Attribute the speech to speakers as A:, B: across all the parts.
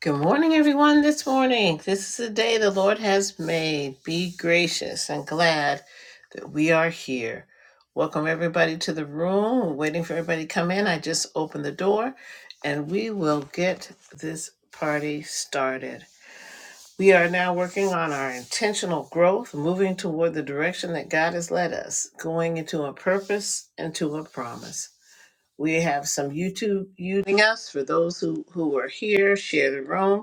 A: Good morning, everyone, this morning. This is the day the Lord has made. Be gracious and glad that we are here. Welcome, everybody, to the room. We're waiting for everybody to come in. I just opened the door and we will get this party started. We are now working on our intentional growth, moving toward the direction that God has led us, going into a purpose and to a promise. We have some YouTube using us for those who, who are here, share the room.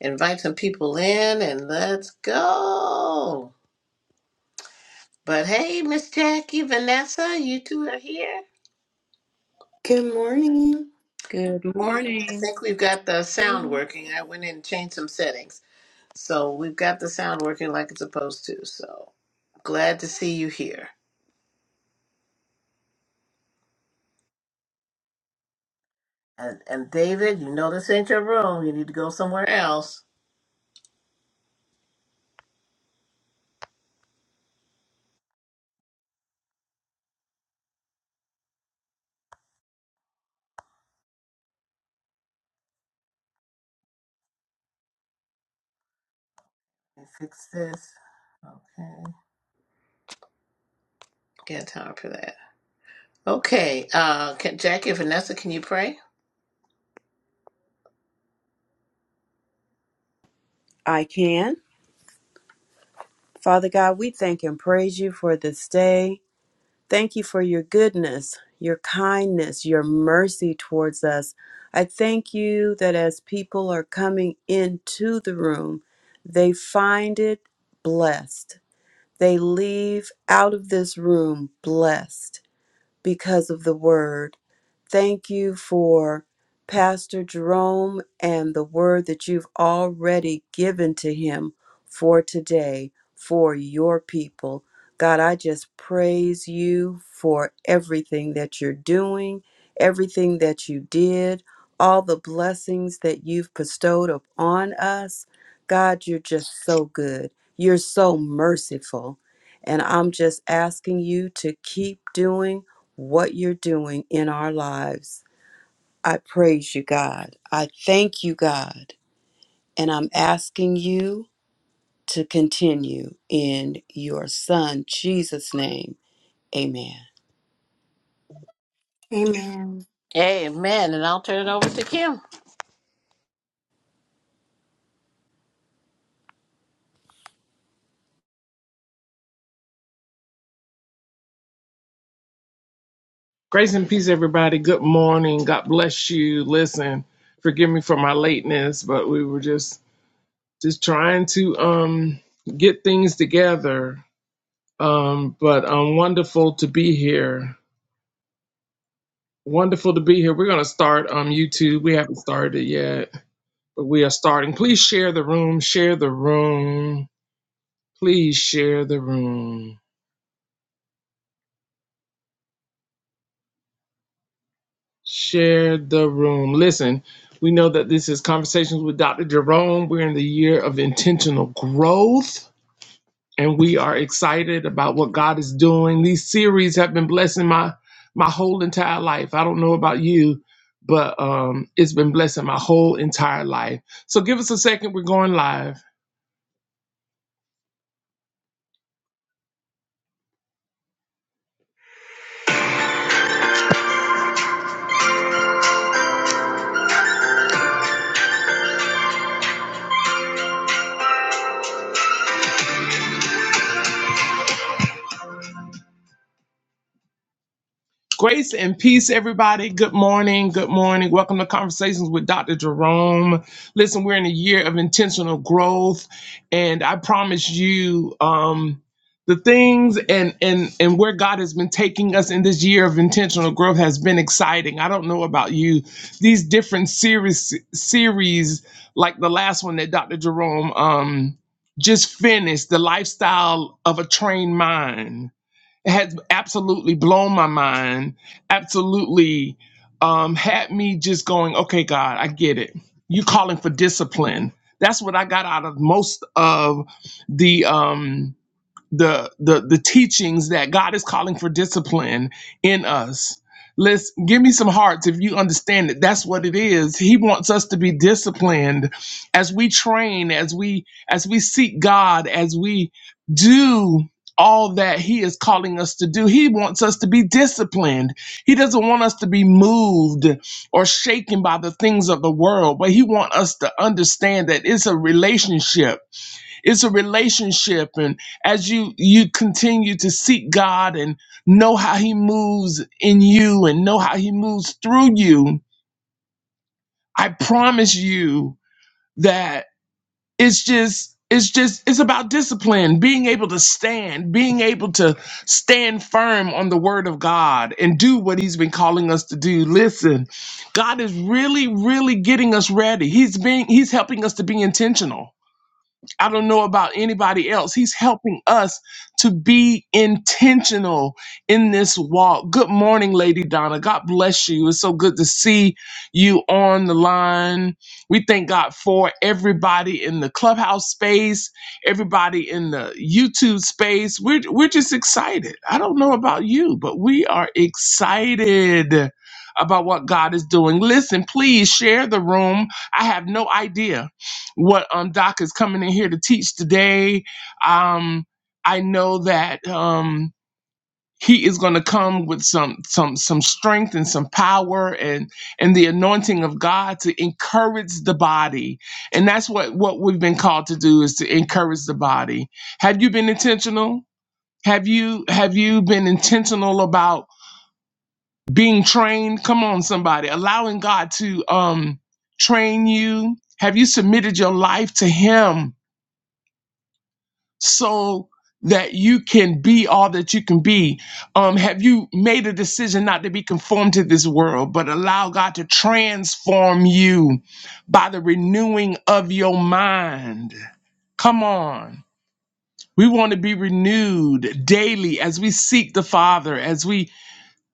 A: Invite some people in and let's go. But hey, Miss Jackie, Vanessa, you two are here.
B: Good morning.
C: Good
A: Morning. I
C: morning.
A: think we've got the sound working. I went in and changed some settings. So we've got the sound working like it's supposed to. So glad to see you here. And, and David, you know this ain't your room. You need to go somewhere else. Let me Fix this. Okay. Get time for that. Okay. Uh, can, Jackie, Vanessa, can you pray?
C: I can. Father God, we thank and praise you for this day. Thank you for your goodness, your kindness, your mercy towards us. I thank you that as people are coming into the room, they find it blessed. They leave out of this room blessed. because of the word. Thank you for Pastor Jerome and the word that you've already given to him for today, for your people. God, I just praise you for everything that you're doing, everything that you did, all the blessings that you've bestowed upon us. God, you're just so good. You're so merciful. And I'm just asking you to keep doing what you're doing in our lives. I praise you, God. I thank you, God. And I'm asking you to continue in your Son, Jesus' name. Amen.
B: Amen.
A: Amen. And I'll turn it over to Kim.
D: Grace and peace, everybody. Good morning. God bless you. Listen, forgive me for my lateness, but we were just just trying to um get things together. Um, but um, wonderful to be here. Wonderful to be here. We're gonna start um YouTube. We haven't started yet, but we are starting. Please share the room. Share the room. Please share the room. Share the room. Listen, we know that this is Conversations with Dr. Jerome. We're in the year of intentional growth, and we are excited about what God is doing. These series have been blessing my my whole entire life. I don't know about you, but um, it's been blessing my whole entire life. So give us a second. We're going live. Grace and peace, everybody. Good morning. Good morning. Welcome to Conversations with Dr. Jerome. Listen, we're in a year of intentional growth, and I promise you, um, the things and and and where God has been taking us in this year of intentional growth has been exciting. I don't know about you. These different series series, like the last one that Dr. Jerome um just finished, the lifestyle of a trained mind has absolutely blown my mind, absolutely um, had me just going, okay, God, I get it. You're calling for discipline. That's what I got out of most of the. Um, the the the teachings that God is calling for discipline in us. Let's give me some hearts if you understand that that's what it is. He wants us to be disciplined as we train, as we as we seek God, as we do all that he is calling us to do. He wants us to be disciplined. He doesn't want us to be moved or shaken by the things of the world, but he wants us to understand that it's a relationship it's a relationship and as you you continue to seek god and know how he moves in you and know how he moves through you i promise you that it's just it's just it's about discipline being able to stand being able to stand firm on the word of god and do what he's been calling us to do listen god is really really getting us ready he's being he's helping us to be intentional I don't know about anybody else. He's helping us to be intentional in this walk. Good morning, Lady Donna. God bless you. It's so good to see you on the line. We thank God for everybody in the clubhouse space, everybody in the YouTube space. We're, we're just excited. I don't know about you, but we are excited about what God is doing. Listen, please share the room. I have no idea what um, Doc is coming in here to teach today. Um, I know that um, he is going to come with some some some strength and some power and and the anointing of God to encourage the body, and that's what what we've been called to do is to encourage the body. Have you been intentional? Have you have you been intentional about being trained? Come on, somebody, allowing God to um, train you. Have you submitted your life to Him? so that you can be all that you can be? Um, have you made a decision not to be conformed to this world, but allow God to transform you by the renewing of your mind? Come on. We want to be renewed daily as we seek the Father, as we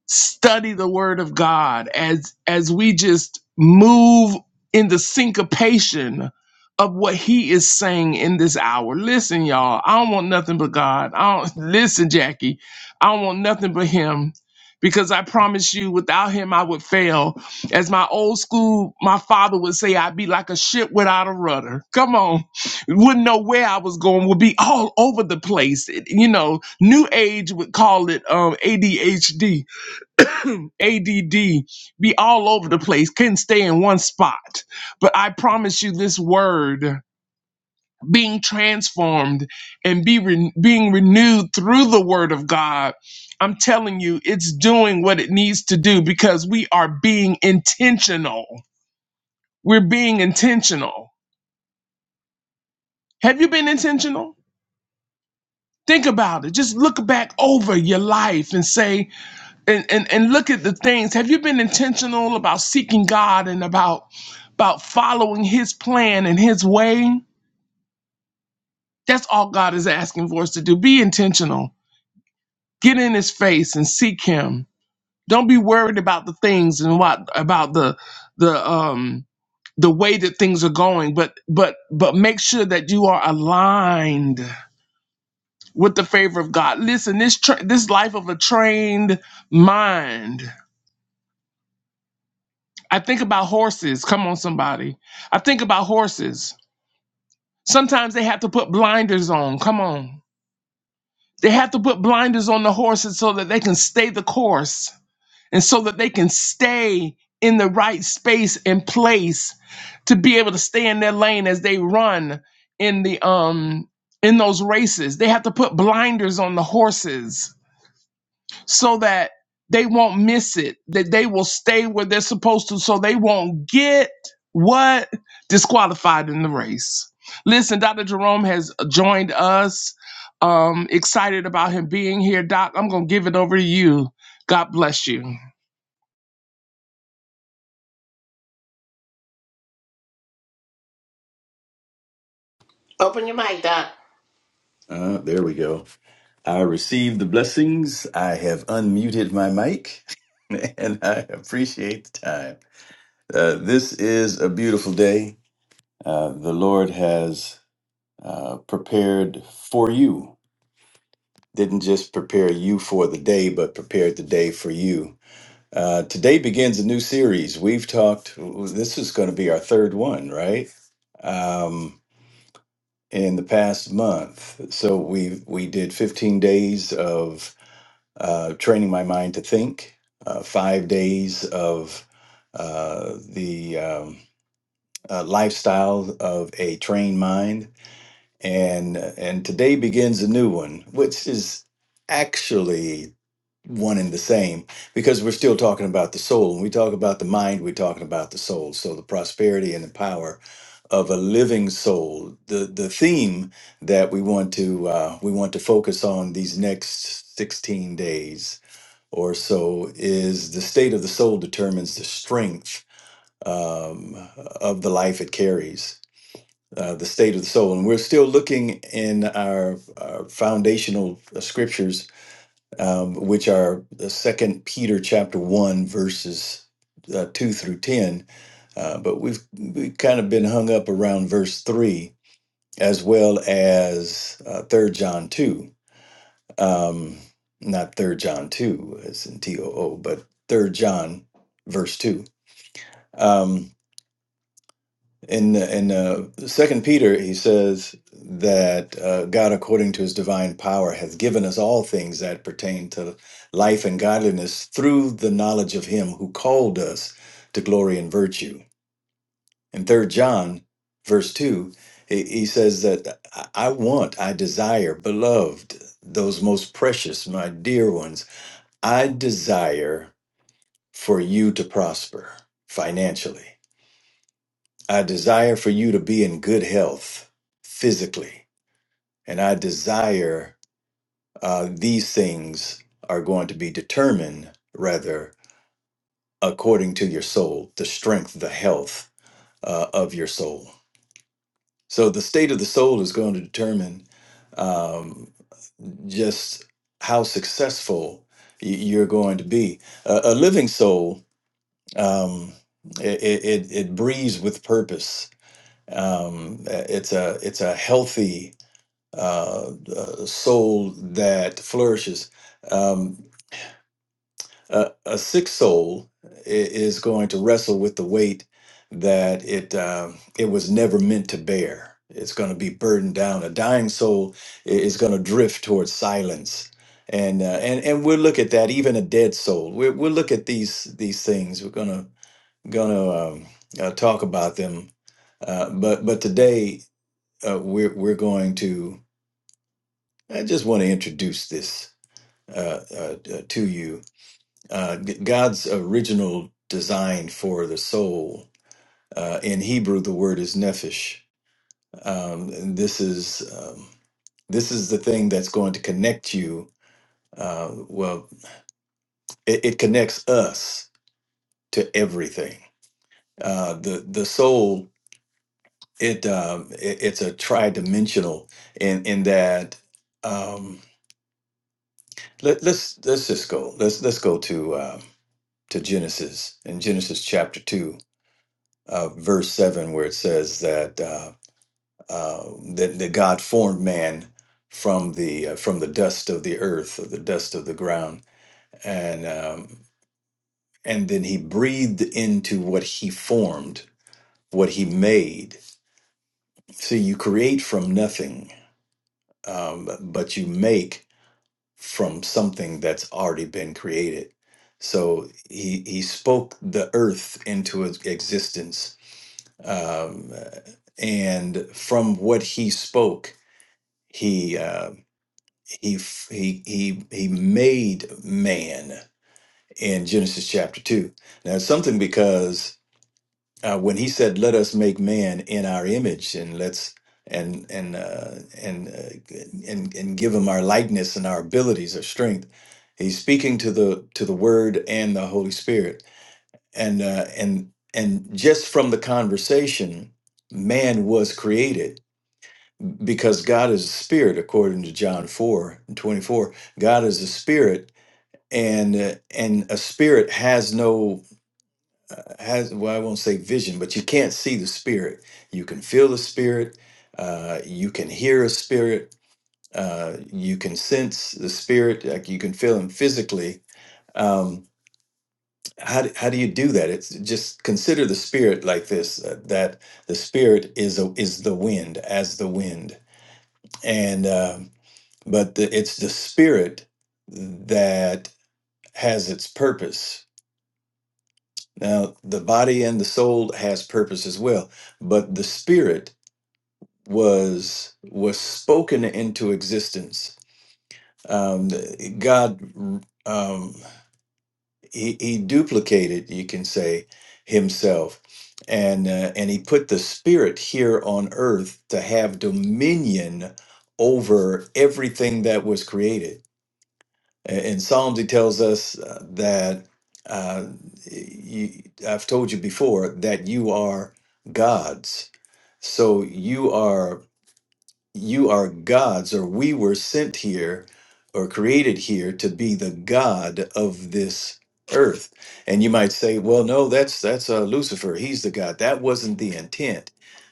D: study the word of god as as we just move in the syncopation of what he is saying in this hour listen y'all i don't want nothing but god i don't listen jackie i don't want nothing but him because i promise you without him i would fail as my old school my father would say i'd be like a ship without a rudder come on wouldn't know where i was going would be all over the place It- you know new age would call it um adhd ADD, be all over the place, couldn't stay in one spot. But I promise you, this word being transformed and be re- being renewed through the word of God, I'm telling you, it's doing what it needs to do because we are being intentional. We're being intentional. Have you been intentional? Think about it. Just look back over your life and say, and, and and look at the things. Have you been intentional about seeking God and about about following His plan and His way? That's all God is asking for us to do. Be intentional. Get in His face and seek Him. Don't be worried about the things and what about the the um the way that things are going, but but but make sure that you are aligned with the favor of God. Listen, this tra- this life of a trained mind I think about horses. Come on, somebody. I think about horses. Sometimes they have to put blinders on. Come on. They have to put blinders on the horses so that they can stay the course and so that they can stay in the right space and place to be able to stay in their lane as they run in the um in those races. They have to put blinders on the horses so that they won't miss it, that they will stay where they're supposed to, so they won't get what? Disqualified in the race. Listen, Dr. Jerome has joined us. Um, excited about him being here. Doc, I'm going to give it over to you. God bless you.
A: Open your mic, Doc.
E: Uh, there we go. I receive the blessings. I have unmuted my mic and I appreciate the time. Uh, this is a beautiful day. Uh, the Lord has uh, prepared for you. Didn't just prepare you for the day, but prepared the day for you. Uh, today begins a new series. We've talked, this is going to be our third one, right? um, in the past month. So we we did 15 days of uh, training my mind to think, uh, five days of uh, the um, uh, lifestyle of a trained mind, and uh, and today begins a new one, which is actually one and the same because we're still talking about the soul. When we talk about the mind, we're talking about the soul. So the prosperity and the power of a living soul. The the theme that we want to uh, we want to focus on these next sixteen days or so is the state of the soul determines the strength um, of the life it carries uh, the state of the soul and we're still looking in our, our foundational uh, scriptures um, which are second peter chapter 1 verses uh, 2 through 10 uh, but we've we've kind of been hung up around verse 3 as well as uh, 3 john 2 um, not third John two as in T O O, but third John verse two. Um, in in uh, Second Peter, he says that uh, God, according to His divine power, has given us all things that pertain to life and godliness through the knowledge of Him who called us to glory and virtue. In Third John, verse two, he, he says that I I want, I desire, beloved, those most precious, my dear ones I desire for you to prosper financially. I desire for you to be in good health physically. And I desire uh, these things are going to be determined, rather, according to your soul, the strength, the health uh, of your soul. So the state of the soul is going to determine um, just how successful y- you're going to be. A a living soul um, it, it it breathes with purpose. Um, it's a it's a healthy uh, uh, soul that flourishes. Um, a, a sick soul i- is going to wrestle with the weight that it um, it was never meant to bear. It's going to be burdened down. A dying soul i- is going to drift towards silence. And, uh, and and we'll look at that. Even a dead soul, we, we'll look at these these things. We're gonna gonna um, uh, talk about them, uh, but but today uh, we're we're going to. I just want to introduce this uh, uh, uh, to you. Uh, God's original design for the soul. Uh, in Hebrew, the word is nephesh. Um, and this is um, this is the thing that's going to connect you. Uh, well, it, it connects us to everything. Uh, the the soul it, um, it it's a tri-dimensional in in that um, let, let's let's just go let's let's go to uh, to Genesis in Genesis chapter two uh, verse seven where it says that uh, uh, that, that God formed man from the uh, from the dust of the earth or the dust of the ground and um, and then he breathed into what he formed what he made. See, you create from nothing, um, but you make from something that's already been created. So he he spoke the earth into its existence, um, and from what he spoke, he uh, he f- he he he made man in Genesis chapter two. Now it's something because uh, when he said, "Let us make man in our image," and let's and and uh, and uh, and and give him our likeness and our abilities, our strength. He's speaking to the to the Word and the Holy Spirit, and uh, and and just from the conversation, man was created because God is a spirit, according to John four and twenty four. God is a spirit, and uh, and a spirit has no has well i won't say vision but you can't see the spirit you can feel the spirit uh, you can hear a spirit uh, you can sense the spirit like you can feel him physically um, how, do, how do you do that it's just consider the spirit like this uh, that the spirit is a, is the wind as the wind and um but the, it's the spirit that has its purpose Now, the body and the soul has purpose as well, but the spirit was was spoken into existence. Um, God, um, he, he duplicated, you can say, himself, and uh, and he put the spirit here on earth to have dominion over everything that was created In Psalms, he tells us uh, that uh, you, I've told you before that you are gods. So you are you are gods, or we were sent here or created here to be the God of this earth. And you might say, well, no, that's that's uh, Lucifer. He's the God. That wasn't the intent.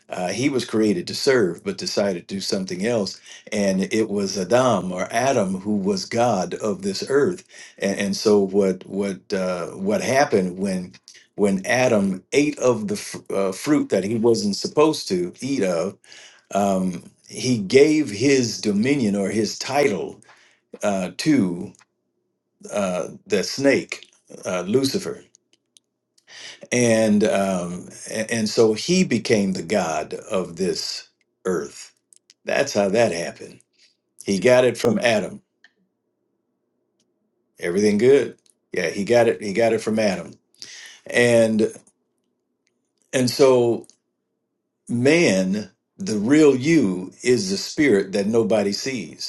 E: Uh, he was created to serve, but decided to do something else. And it was Adam or Adam who was God of this earth. And, and so what what uh, what happened when when Adam ate of the fr- uh, fruit that he wasn't supposed to eat of? um, he gave his dominion or his title uh, to uh, the snake, uh, Lucifer, and um, a- and so he became the god of this earth. That's how that happened. He got it from Adam. Everything good? Yeah, he got it. He got it from Adam, and and so man, the real you, is the spirit that nobody sees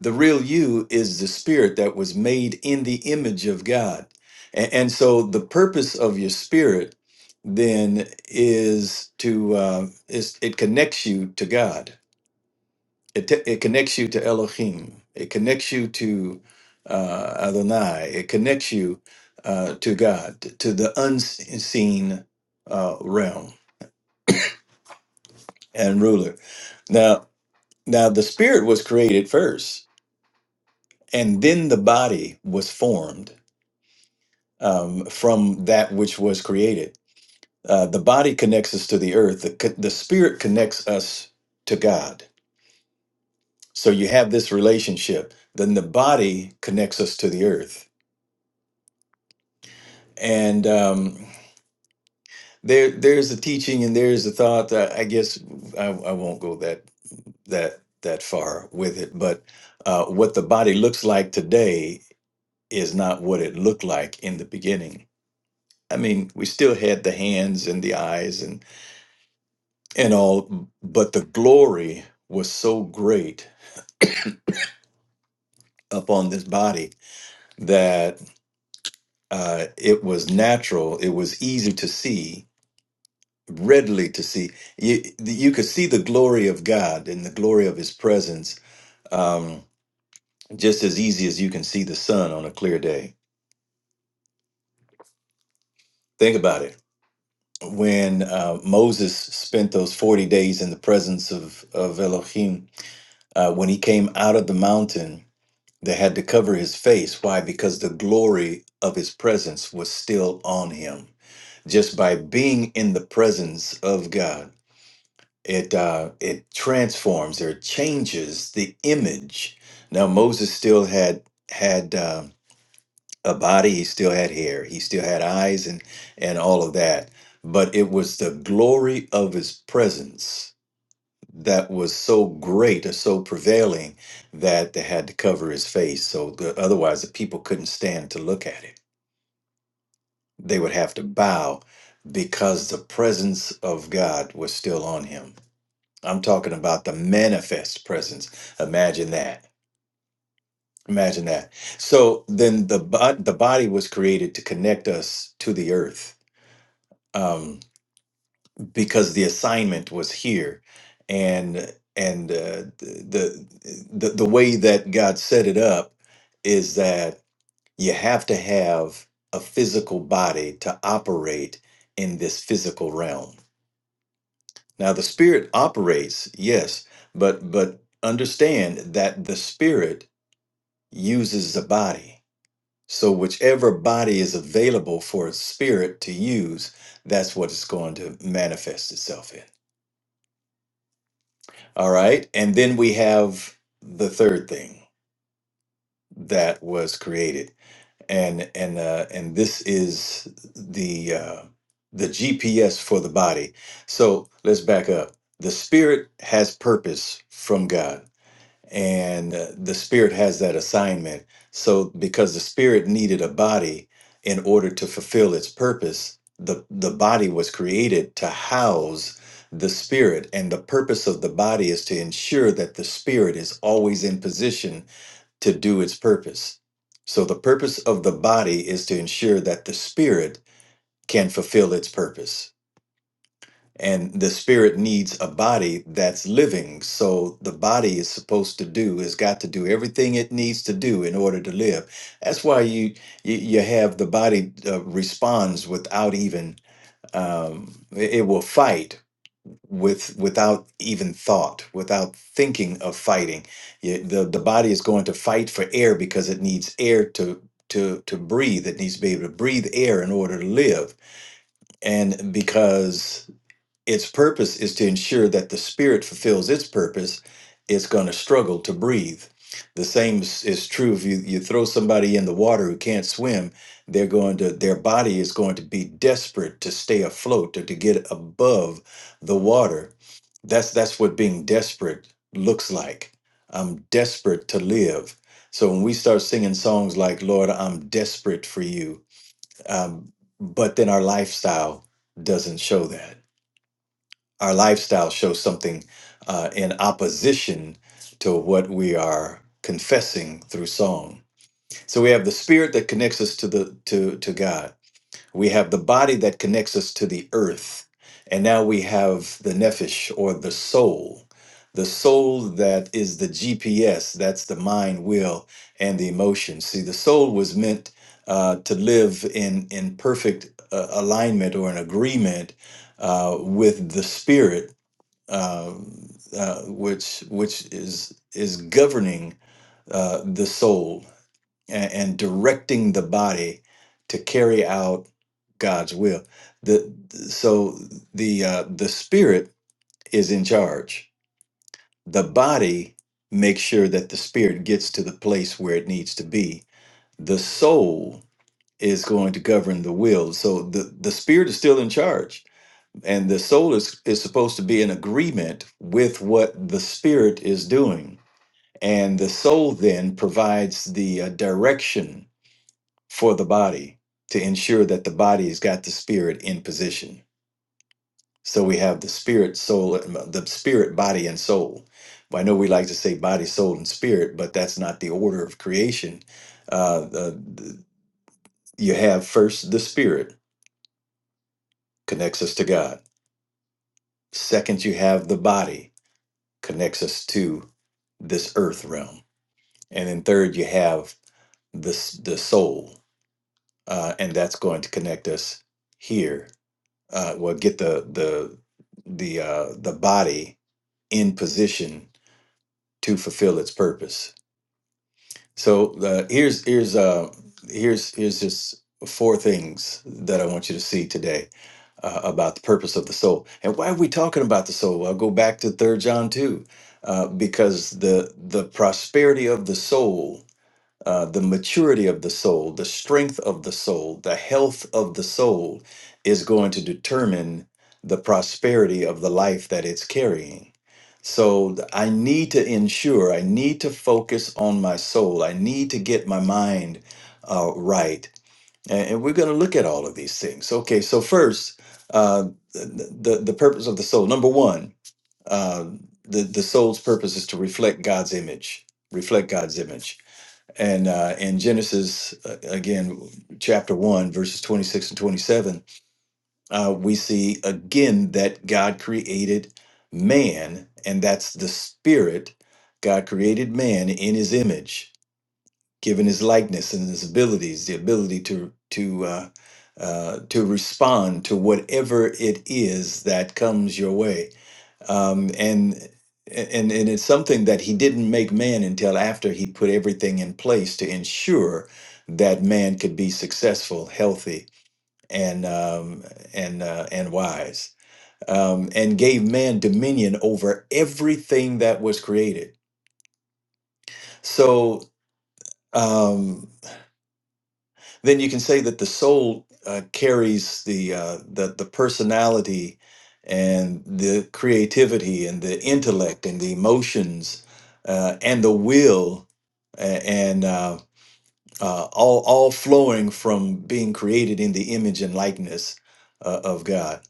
E: the real you is the spirit that was made in the image of God. A- And, so the purpose of your spirit then is to uh, is it connects you to God. It, te- it connects you to Elohim. It connects you to uh, Adonai. It connects you uh, to God, to the unseen uh, realm and ruler. Now, now the spirit was created first, and then the body was formed um, from that which was created. Uh, the body connects us to the earth, the, co- the spirit connects us to God. So you have this relationship. Then the body connects us to the earth. And um, there, there's the teaching and there's the thought that I guess I, I won't go that, that, that far with it. But uh, what the body looks like today is not what it looked like in the beginning. I mean, we still had the hands and the eyes and all, but the glory was so great upon this body that uh, it was natural, it was easy to see, readily to see. You, you could see the glory of God and the glory of His presence um, just as easy as you can see the sun on a clear day. Think about it. When uh, Moses spent those 40 days in the presence of, of Elohim, uh, when he came out of the mountain, They had to cover his face. Why? Because the glory of his presence was still on him. Just by being in the presence of God, it uh, it transforms or changes the image. Now Moses still had had uh, a body. He still had hair. He still had eyes and and all of that. But it was the glory of his presence that was so great or so prevailing that they had to cover his face. So the, otherwise, the people couldn't stand to look at it. They would have to bow because the presence of God was still on him. I'm talking about the manifest presence. Imagine that. Imagine that. So then the bo- the body was created to connect us to the earth. Um, because the assignment was here and and uh, the, the the way that God set it up is that you have to have a physical body to operate in this physical realm. Now the spirit operates, yes, but but understand that the spirit uses the body. So whichever body is available for a spirit to use, that's what it's going to manifest itself in. All right. And then we have the third thing that was created. And and uh, and this is the uh, the GPS for the body. So let's back up. The spirit has purpose from God and uh, the spirit has that assignment so because the spirit needed a body in order to fulfill its purpose the the body was created to house the spirit and the purpose of the body is to ensure that the spirit is always in position to do its purpose so the purpose of the body is to ensure that the spirit can fulfill its purpose and the spirit needs a body that's living. So the body is supposed to do, has got to do everything it needs to do in order to live. That's why you you, you have the body uh, responds without even um, it it will fight with without even thought, without thinking of fighting. Yeah, the the body is going to fight for air because it needs air to to to breathe. It needs to be able to breathe air in order to live, and because its purpose is to ensure that the spirit fulfills its purpose it's going to struggle to breathe the same is, is true if you, you throw somebody in the water who can't swim they're going to their body is going to be desperate to stay afloat or to get above the water that's that's what being desperate looks like i'm desperate to live so when we start singing songs like lord i'm desperate for you um, but then our lifestyle doesn't show that our lifestyle shows something uh, in opposition to what we are confessing through song. So we have the spirit that connects us to the to to God. We have the body that connects us to the earth, and now we have the nephesh or the soul, the soul that is the GPS. That's the mind, will, and the emotions. See, the soul was meant uh, to live in in perfect uh, alignment or an agreement uh, with the spirit um, uh, which which is is governing uh, the soul and, and directing the body to carry out God's will. The so the uh, the spirit is in charge. The body makes sure that the spirit gets to the place where it needs to be. The soul is going to govern the will. So the the spirit is still in charge and the soul is, is supposed to be in agreement with what the spirit is doing. And the soul then provides the uh, direction for the body to ensure that the body has got the spirit in position. So we have the spirit, soul, the spirit, body, and soul. I know we like to say body, soul, and spirit, but that's not the order of creation. Uh, the, the- you have first the spirit connects us to God. Second, you have the body connects us to this earth realm. And then third, you have this the soul, uh, and that's going to connect us here. Uh, well, get the the the uh, the body in position to fulfill its purpose So the here's here's uh here's here's just four things that I want you to see today uh, about the purpose of the soul and why are we talking about the soul? I'll go back to Third John two uh, because the the prosperity of the soul uh, the maturity of the soul, the strength of the soul, the health of the soul is going to determine the prosperity of the life that it's carrying. So th- I need to ensure, I need to focus on my soul, I need to get my mind uh, right. A- And, we're going to look at all of these things. Okay, so first, uh, the, the, the purpose of the soul. Number one, uh, the, the soul's purpose is to reflect God's image. Reflect God's image and uh, in Genesis, uh, again, chapter 1, verses 26 and 27, uh, we see again that God created man, and that's the spirit. God created man in his image, given his likeness and his abilities, the ability to, to, uh, uh, to respond to whatever it is that comes your way um, and and and it's something that he didn't make man until after he put everything in place to ensure that man could be successful, healthy, and um, and uh, and wise, um, and gave man dominion over everything that was created. So. Um, then you can say that the soul uh, carries the, uh, the the personality and the creativity and the intellect and the emotions uh, and the will a- and uh, uh, all all flowing from being created in the image and likeness uh, of God.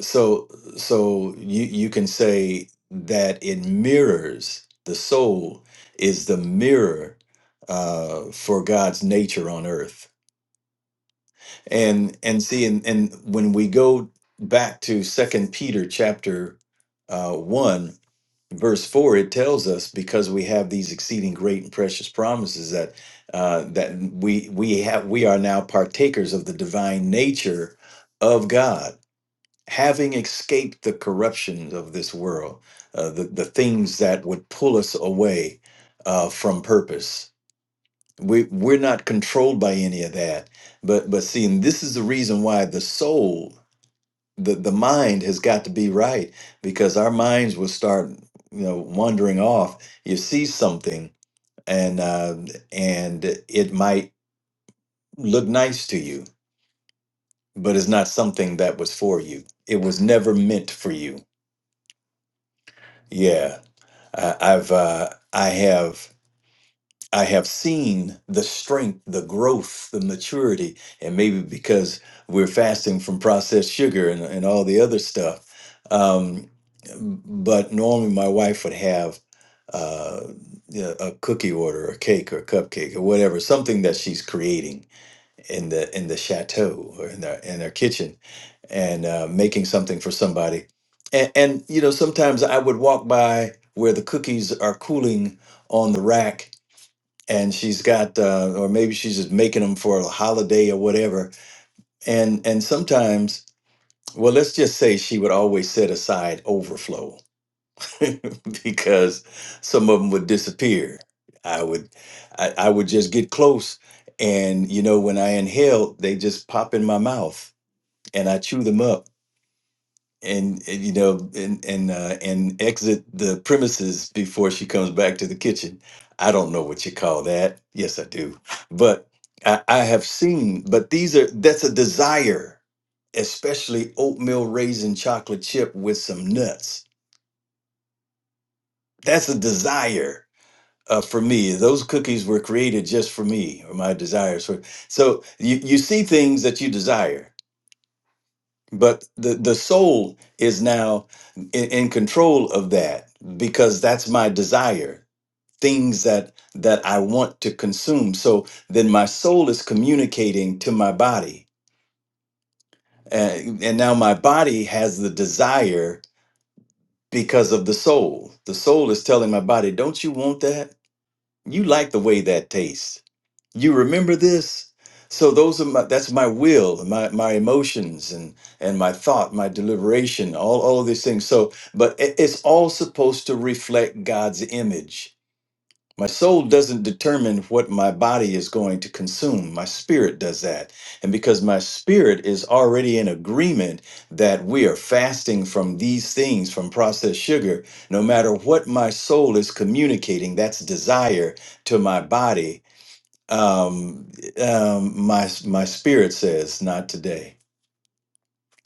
E: So so you you can say that it mirrors the soul is the mirror uh, for God's nature on earth and and see and, and when we go back to second peter chapter uh, 1 verse 4 it tells us because we have these exceeding great and precious promises that uh, that we we have we are now partakers of the divine nature of god having escaped the corruption of this world uh, the, the things that would pull us away uh, from purpose we we're not controlled by any of that but but see and this is the reason why the soul the the mind has got to be right because our minds will start you know wandering off you see something and uh and it might look nice to you but it's not something that was for you it was never meant for you yeah I, i've uh i have I have seen the strength, the growth, the maturity, and maybe because we're fasting from processed sugar and, and all the other stuff. Um, but normally my wife would have uh, yeah, a cookie order, or cake, or cupcake, or whatever, something that she's creating in the in the chateau or in their in their kitchen, and uh, making something for somebody. And, and you know, sometimes I would walk by where the cookies are cooling on the rack and she's got uh, or maybe she's just making them for a holiday or whatever and and sometimes well let's just say she would always set aside overflow because some of them would disappear i would I, I would just get close and you know when i inhale they just pop in my mouth and i chew them up and and, you know and and uh, and exit the premises before she comes back to the kitchen. I don't know what you call that. Yes, I do, but I, I have seen. But these are that's a desire, especially oatmeal raisin chocolate chip with some nuts. That's a desire uh, for me. Those cookies were created just for me, or my desires for. So you you see things that you desire but the the soul is now in, in control of that because that's my desire things that that i want to consume so then my soul is communicating to my body and, and now my body has the desire because of the soul the soul is telling my body don't you want that you like the way that tastes You remember this? So those are my that's my will, my my emotions and and my thought, my deliberation, all all of these things. So but it- it's all supposed to reflect God's image. My soul doesn't determine what my body is going to consume. My spirit does that. And because my spirit is already in agreement that we are fasting from these things, from processed sugar, no matter what my soul is communicating, that's desire to my body um, um, my my spirit says not today.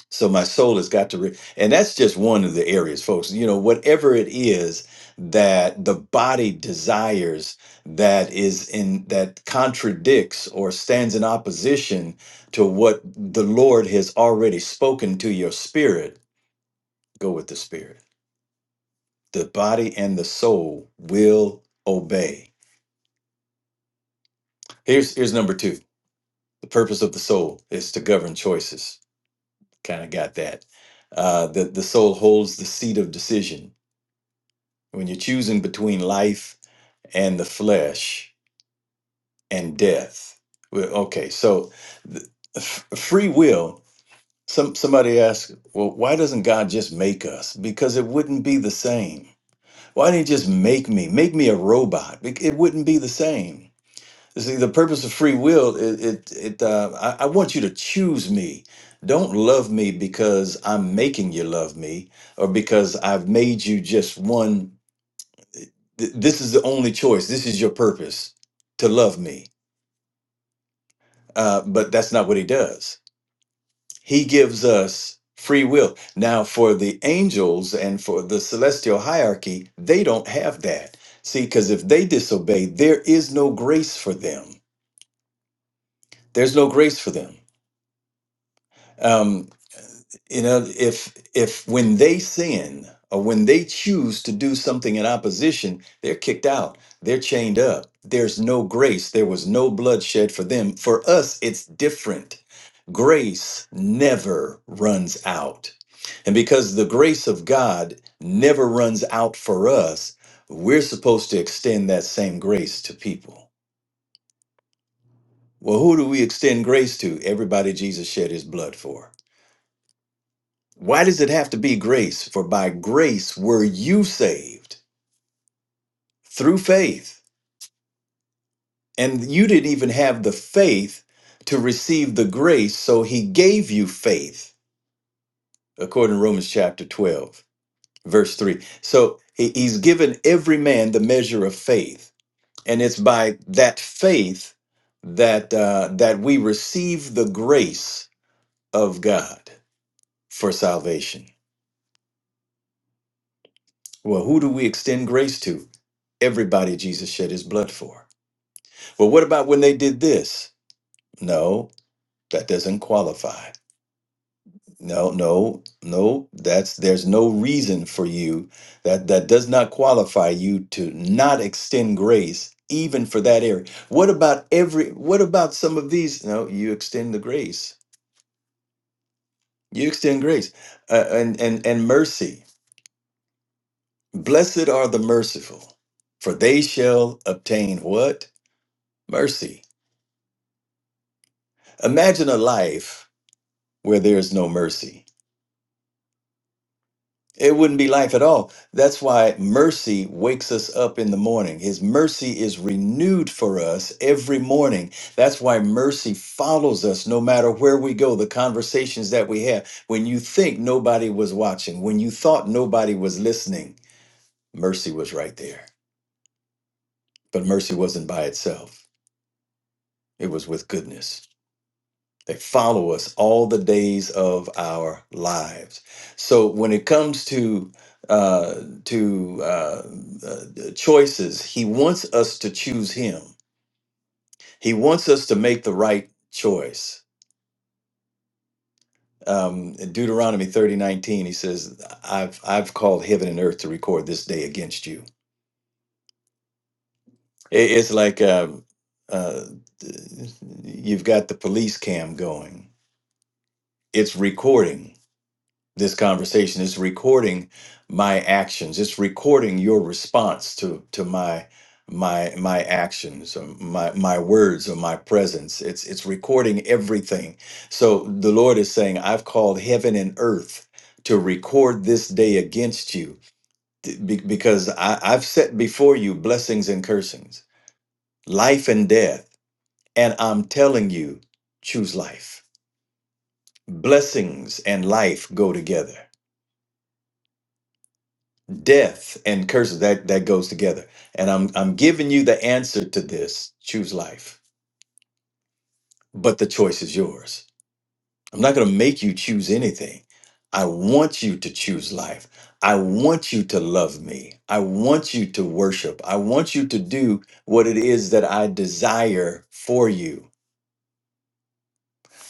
E: So my soul has got to, re- and that's just one of the areas, folks. You know, whatever it is that the body desires that is in that contradicts or stands in opposition to what the Lord has already spoken to your spirit, go with the spirit. The body and the soul will obey. Here's here's number two. The purpose of the soul is to govern choices kind of got that. Uh, the the soul holds the seat of decision when you're choosing between life and the flesh and death. Well, okay, so the, f- free will. Some somebody asked, well, why doesn't God just make us? Because it wouldn't be the same. Why didn't He just make me? Make me a robot? Bec- It wouldn't be the same. See, the purpose of free will, it, it, it uh, I, I want you to choose me. Don't love me because I'm making you love me or because I've made you just one. Th- This is the only choice. This is your purpose to love me. Uh, but that's not what he does. He gives us free will. Now, for the angels and for the celestial hierarchy, they don't have that. See, because if they disobey, there is no grace for them. There's no grace for them Um, you know if if when they sin or when they choose to do something in opposition they're kicked out they're chained up there's no grace there was no bloodshed for them for us it's different grace never runs out and because the grace of god never runs out for us we're supposed to extend that same grace to people well who do we extend grace to everybody jesus shed his blood for Why does it have to be grace? For by grace were you saved through faith. And you didn't even have the faith to receive the grace, so he gave you faith, according to Romans chapter 12, verse 3. So he- he's given every man the measure of faith. And it's by that faith that, uh, that we receive the grace of God for salvation. Well, who do we extend grace to? Everybody Jesus shed his blood for. Well, what about when they did this? No, that doesn't qualify. No, no, no, that's there's no reason for you that that does not qualify you to not extend grace even for that area. What about every what about some of these? No, you extend the grace. You extend grace uh, and and and mercy. Blessed are the merciful, for they shall obtain what? Mercy. Imagine a life where there is no mercy It wouldn't be life at all. That's why mercy wakes us up in the morning. His mercy is renewed for us every morning. That's why mercy follows us no matter where we go, the conversations that we have. When you think nobody was watching, when you thought nobody was listening, mercy was right there. But mercy wasn't by itself, it was with goodness. They follow us all the days of our lives. So when it comes to uh, to uh, uh, choices, he wants us to choose him. He wants us to make the right choice. Um, in Deuteronomy thirty nineteen, he says, "I've I've called heaven and earth to record this day against you." It- It's like um, uh, you've got the police cam going. It's recording this conversation it's recording my actions it's recording your response to to my my my actions or my my words or my presence it's it's recording everything so the lord is saying i've called heaven and earth to record this day against you t- be- because I, i've set before you blessings and cursings life and death and i'm telling you choose life blessings and life go together death and curses that that goes together and i'm i'm giving you the answer to this choose life but the choice is yours i'm not going to make you choose anything i want you to choose life i want you to love me i want you to worship i want you to do what it is that i desire for you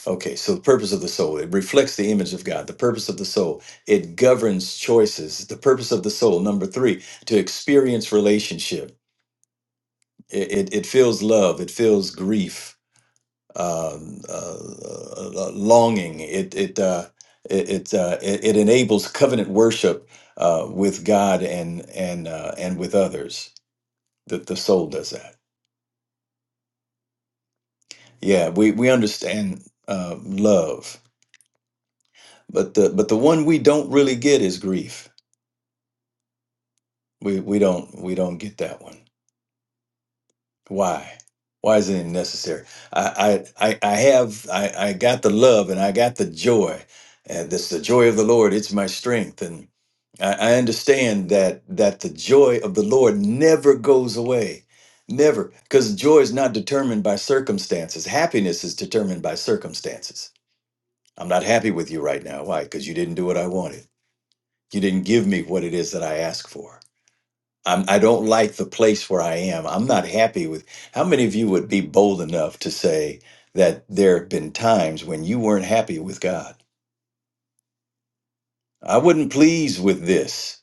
E: okay so the purpose of the soul it reflects the image of god the purpose of the soul it governs choices the purpose of the soul number 3 to experience relationship It, it, it feels love. It feels grief, um, uh, uh, uh, longing. It it uh, it it, uh, it it enables covenant worship uh, with God and and uh, and with others. That the soul does that. Yeah, we we understand uh, love, but the but the one we don't really get is grief. We we don't we don't get that one. Why? Why is it necessary? I, I, I I have, I, I got the love and I got the joy. And this, the joy of the Lord, it's my strength. And I, I understand that, that the joy of the Lord never goes away. Never. Because joy is not determined by circumstances. Happiness is determined by circumstances. I'm not happy with you right now. Why? Because you didn't do what I wanted. You didn't give me what it is that I asked for I'm, I don't like the place where I am. I'm not happy with. How many of you would be bold enough to say that there have been times when you weren't happy with God? I wasn't pleased with this.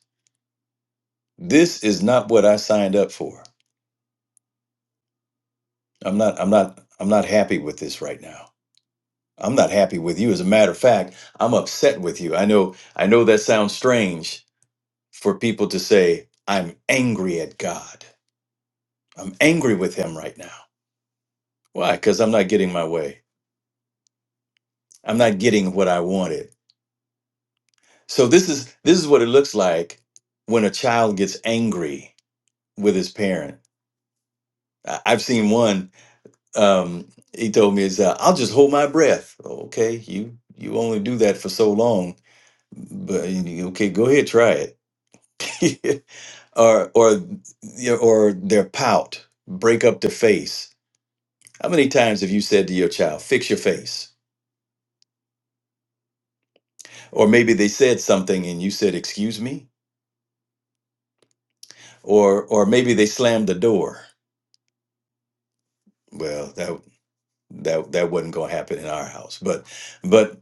E: This is not what I signed up for. I'm not. I'm not. I'm not happy with this right now. I'm not happy with you. As a matter of fact, I'm upset with you. I know. I know that sounds strange for people to say. I'm angry at God. I'm angry with Him right now. Why? Because I'm not getting my way. I'm not getting what I wanted. So this is this is what it looks like when a child gets angry with his parent. I- I've seen one. Um, he told me, "Is uh, I'll just hold my breath." Okay, you you only do that for so long, but you- okay, go ahead, try it. or or yeah, or their pout, break up their face. How many times have you said to your child, "Fix your face"? Or maybe they said something and you said, "Excuse me," or or maybe they slammed the door Well, that that that wasn't gonna happen in our house, but but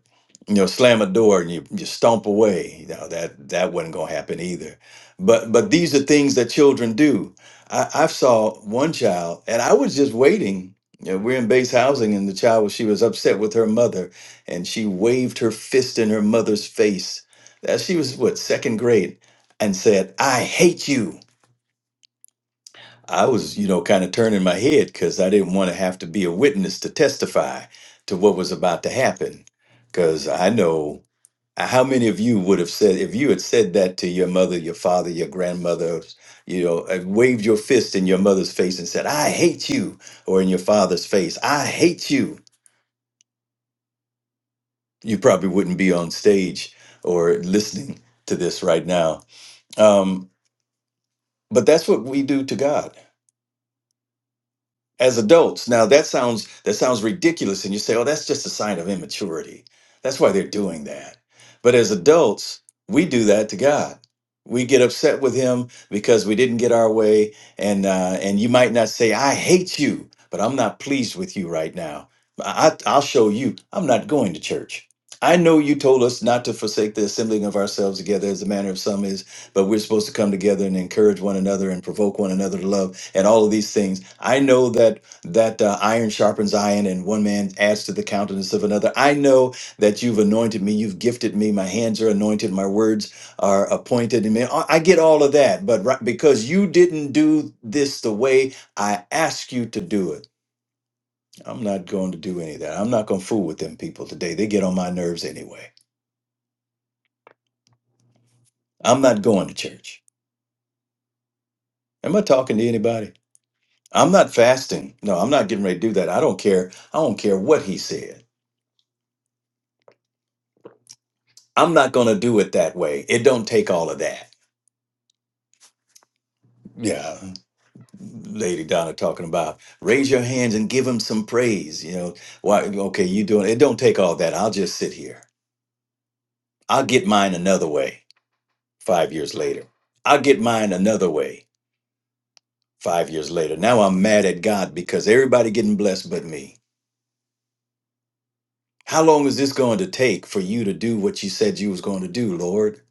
E: you know, slam a door and you you stomp away. You know, that that wasn't gonna happen either. But but these are things that children do. I, I saw one child, and I was just waiting. You know, we're in base housing, and the child was she was upset with her mother, and she waved her fist in her mother's face. That she was what second grade, and said, "I hate you." I was, you know, kind of turning my head because I didn't want to have to be a witness to testify to what was about to happen. Because I know how many of you would have said, if you had said that to your mother, your father, your grandmother, you know, and waved your fist in your mother's face and said, I hate you, or in your father's face, I hate you, you probably wouldn't be on stage or listening to this right now. Um, but that's what we do to God as adults. Now that sounds that sounds ridiculous and you say, "Oh, that's just a sign of immaturity." That's why they're doing that. But as adults, we do that to God. We get upset with him because we didn't get our way and uh and you might not say, "I hate you," but I'm not pleased with you right now. I I- I'll show you. I'm not going to church. I know you told us not to forsake the assembling of ourselves together as the manner of some is, but we're supposed to come together and encourage one another and provoke one another to love and all of these things. I know that that uh, iron sharpens iron, and one man adds to the countenance of another. I know that you've anointed me, you've gifted me. My hands are anointed, my words are appointed. And I I get all of that, but right, because you didn't do this the way I asked you to do it, I'm not going to do any of that. I'm not going to fool with them people today. They get on my nerves anyway. I'm not going to church. Am I talking to anybody? I'm not fasting. No, I'm not getting ready to do that. I don't care. I don't care what he said. I'm not going to do it that way. It don't take all of that. Yeah. Mhm. Lady Donna talking about raise your hands and give him some praise. You know, why? Okay, you doing it. Don't take all that. I'll just sit here. I'll get mine another way five years later. I'll get mine another way five years later. Now I'm mad at God because everybody getting blessed but me. How long is this going to take for you to do what you said you was going to do, Lord?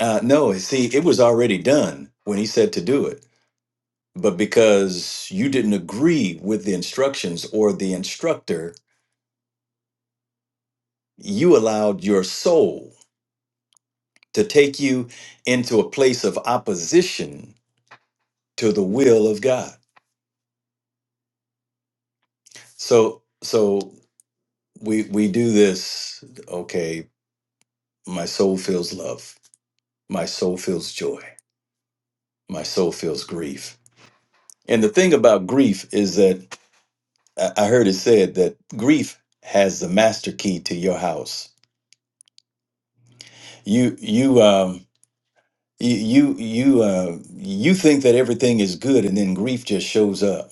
E: Uh, no, see, it was already done when he said to do it. But because you didn't agree with the instructions or the instructor, you allowed your soul to take you into a place of opposition to the will of God. So so we we do this, okay, my soul feels love, my soul feels joy, my soul feels grief. And the thing about grief is that I I heard it said that grief has the master key to your house. You you um you you you uh you think that everything is good and then grief just shows up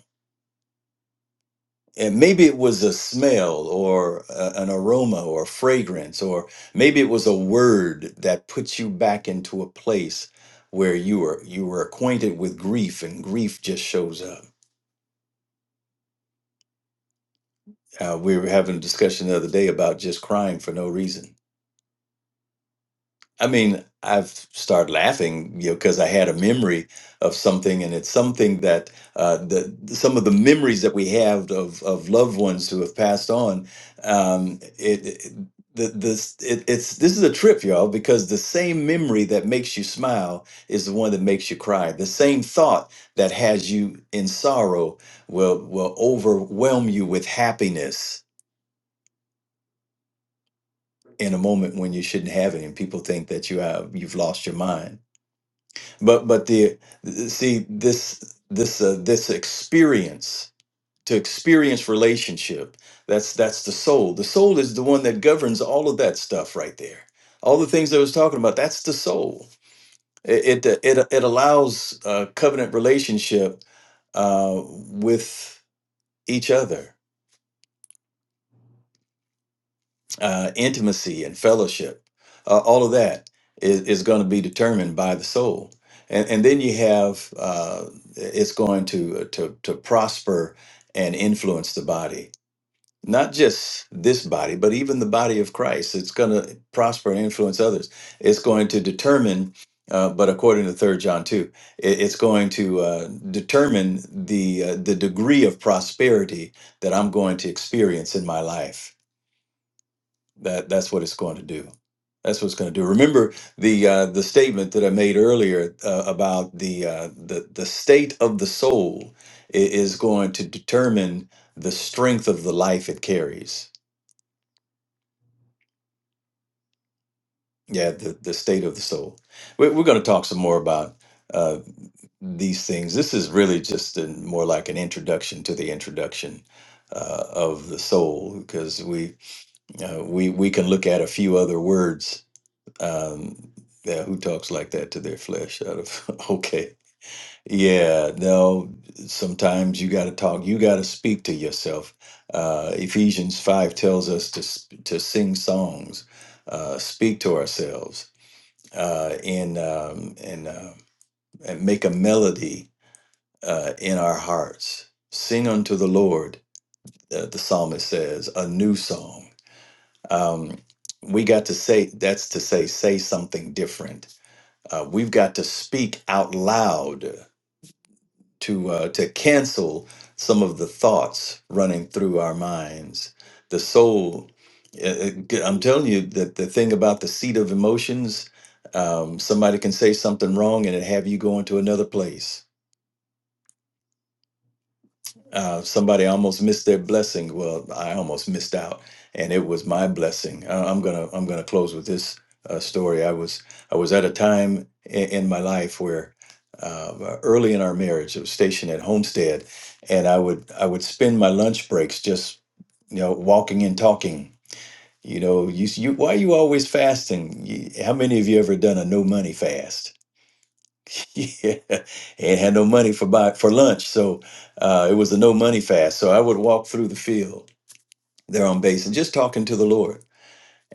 E: and maybe it was a smell or a, an aroma or a fragrance or maybe it was a word that puts you back into a place where you were you were acquainted with grief and grief just shows up uh, we were having a discussion the other day about just crying for no reason I mean, I've started laughing, you know, because I had a memory of something, and it's something that uh, the some of the memories that we have of of loved ones who have passed on. Um, it, it the, this it, it's this is a trip, y'all, because the same memory that makes you smile is the one that makes you cry. The same thought that has you in sorrow will will overwhelm you with happiness in a moment when you shouldn't have it, and people think that you have you've lost your mind but but the see this this uh, this experience to experience relationship that's that's the soul the soul is the one that governs all of that stuff right there all the things i was talking about that's the soul it it it, it allows uh covenant relationship uh with each other uh, intimacy and fellowship, uh, all of that is, is going to be determined by the soul. And, and then you have uh, it's going to, to to prosper and influence the body, not just this body, but even the body of Christ. It's going to prosper and influence others. It's going to determine, uh, but according to Third John two, it, it's going to uh, determine the uh, the degree of prosperity that I'm going to experience in my life that that's what it's going to do. That's what it's going to do. Remember the uh, the statement that I made earlier uh, about the uh, the the state of the soul i- is going to determine the strength of the life it carries. Yeah, the the state of the soul. We're, we're going to talk some more about uh, these things. This is really just an, more like an introduction to the introduction uh, of the soul, because we uh, we we can look at a few other words Um, yeah, who talks like that to their flesh out of okay. Yeah, no, sometimes you got to talk, you got to speak to yourself. Uh, Ephesians 5 tells us to s- to sing songs, uh, speak to ourselves, uh, and um, and uh, and make a melody uh, in our hearts. Sing unto the Lord, uh, the psalmist says, a new song. Um, we got to say that's to say say something different Uh, we've got to speak out loud to uh, to cancel some of the thoughts running through our minds. The soul, uh, uh, I'm telling you that the thing about the seat of emotions, um, somebody can say something wrong and it have you going to another place uh, somebody almost missed their blessing. Well, I almost missed out, and it was my blessing. Uh, I'm gonna I'm gonna close with this uh, story. I was I was at a time in, in my life where uh, early in our marriage, I was stationed at Homestead, and I would I would spend my lunch breaks just you know walking and talking. You know, you, you why are you always fasting? You, how many of you ever done a no money fast? Yeah, and had no money for buy for lunch, so uh, it was a no money fast. So I would walk through the field there on base and just talking to the Lord,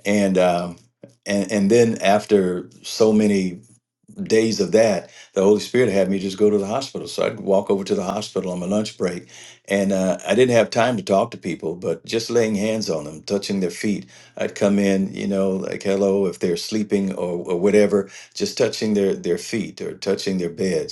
E: and um, and and then after so many days of that, the Holy Spirit had me just go to the hospital. So I'd walk over to the hospital on my lunch break, and uh, I didn't have time to talk to people, but just laying hands on them, touching their feet. I'd come in, you know, like hello if they're sleeping or, or whatever, just touching their their feet or touching their beds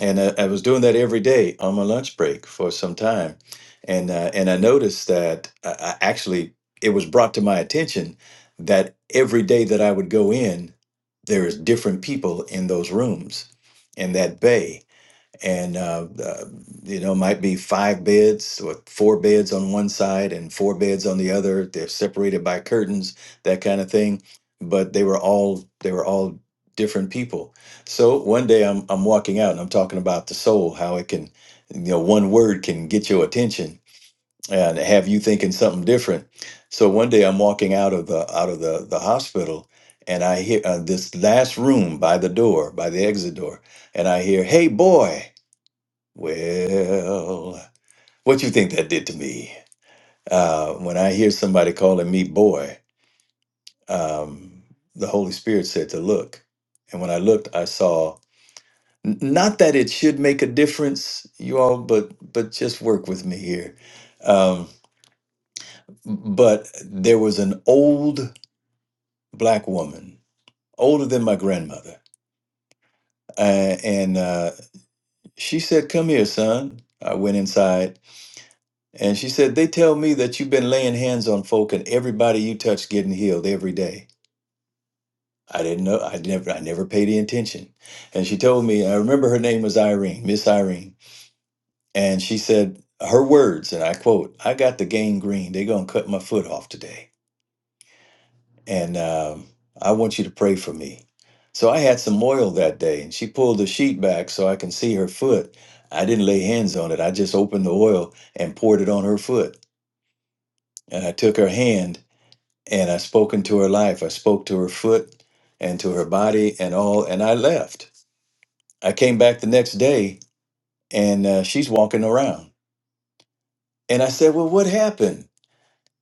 E: and I, I was doing that every day on my lunch break for some time, and uh, and I noticed that I, I actually it was brought to my attention that every day that I would go in, there is different people in those rooms in that bay, and uh, uh, you know might be five beds or four beds on one side and four beds on the other they're separated by curtains that kind of thing but they were all they were all different people so one day i'm, I'm walking out and i'm talking about the soul how it can you know one word can get your attention and have you thinking something different so one day i'm walking out of the out of the, the hospital and i hear uh, this last room by the door by the exit door and i hear hey boy well, what you think that did to me? Uh, when I hear somebody calling me boy, um, the Holy Spirit said to look, and when I looked, I saw n- not that it should make a difference, you all, but but just work with me here. Um, but there was an old black woman, older than my grandmother, uh, and uh, she said, "Come here, son." I went inside And she said, They tell me that you've been laying hands on folk and everybody you touch getting healed every day. I didn't know I never I never paid any attention. And she told me, I remember her name was Irene, Miss Irene. And she said her words, and I quote, I got the gangrene. They're gonna cut my foot off today. And um, I want you to pray for me. So I had some oil that day and she pulled the sheet back so I can see her foot. I didn't lay hands on it. I just opened the oil and poured it on her foot. And I took her hand and I spoke into her life. I spoke to her foot and to her body and all, and I left. I came back the next day and uh, she's walking around. And I said, "Well, what happened?"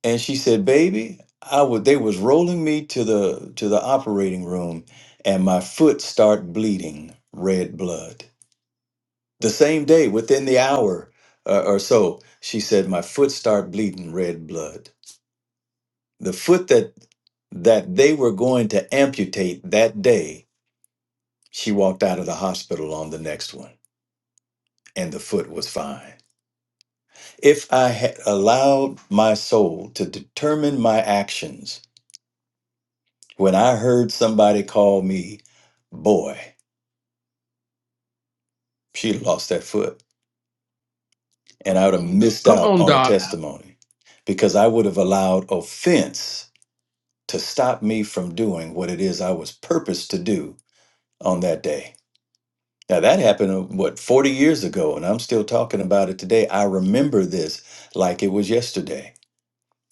E: And she said, "Baby, I would they was rolling me to the to the operating room and my foot start bleeding red blood. The same day, within the hour uh, or so, she said my foot start bleeding red blood. The foot that that they were going to amputate that day She walked out of the hospital on the next one, and the foot was fine. If I had allowed my soul to determine my actions when I heard somebody call me, boy, she'd have lost that foot, and I would have missed
D: Come
E: out
D: on,
E: on a
D: Doc. Yeah.
E: testimony because I would have allowed offense to stop me from doing what it is I was purposed to do on that day. Now, that happened, uh, what, 40 years ago, and I'm still talking about it today. I remember this like it was yesterday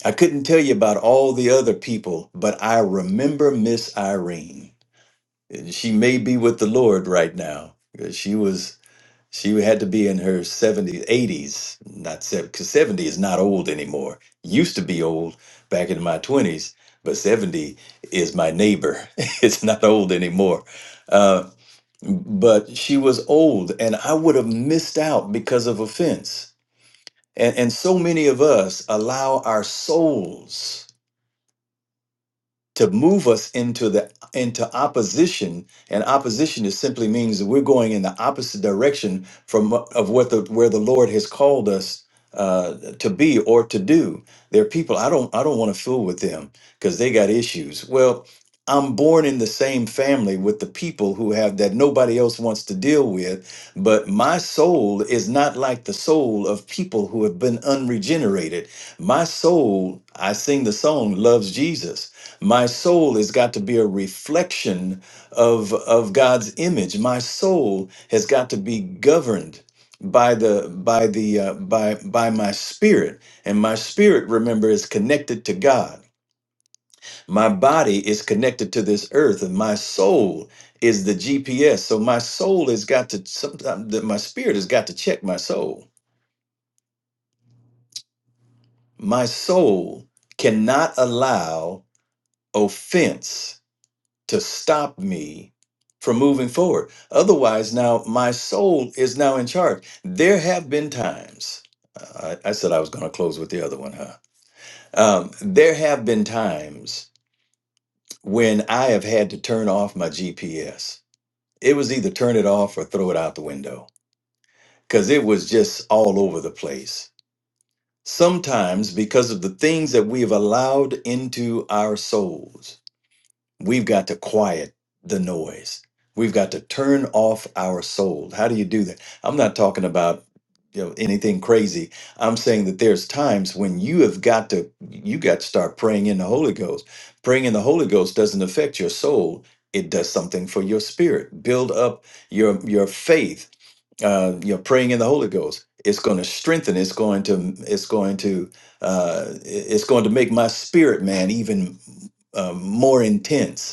E: I couldn't tell you about all the other people, but I remember Miss Irene. She may be with the Lord right now. She was she had to be in her 70s, 80s, not 70, because 70 is not old anymore. Used to be old back in my 20s, but 70 is my neighbor. it's not old anymore. Uh, but she was old, and I would have missed out because of offense. And, and so many of us allow our souls to move us into the into opposition and opposition is simply means that we're going in the opposite direction from of what the where the lord has called us uh, to be or to do there are people i don't i don't want to fool with them because they got issues well i'm born in the same family with the people who have that nobody else wants to deal with but my soul is not like the soul of people who have been unregenerated my soul i sing the song loves jesus my soul has got to be a reflection of, of God's image. My soul has got to be governed by the by the uh, by by my spirit and my spirit remember is connected to God my body is connected to this earth and my soul is the GPS so my soul has got to sometimes that my spirit has got to check my soul my soul cannot allow offense to stop me from moving forward. Otherwise, now my soul is now in charge. There have been times, uh, I, I said I was going to close with the other one, huh? Um, there have been times when I have had to turn off my GPS. It was either turn it off or throw it out the window because it was just all over the place. Sometimes, because of the things that we have allowed into our souls, We've got to quiet the noise. We've got to turn off our soul. How do you do that? I'm not talking about you know anything crazy. I'm saying that there's times when you have got to you got to start praying in the Holy Ghost. Praying in the Holy Ghost doesn't affect your soul. It does something for your spirit. Build up your your faith. Uh, you know, praying in the Holy Ghost. It's going to strengthen. It's going to. It's going to. Uh, it's going to make my spirit man even uh, more intense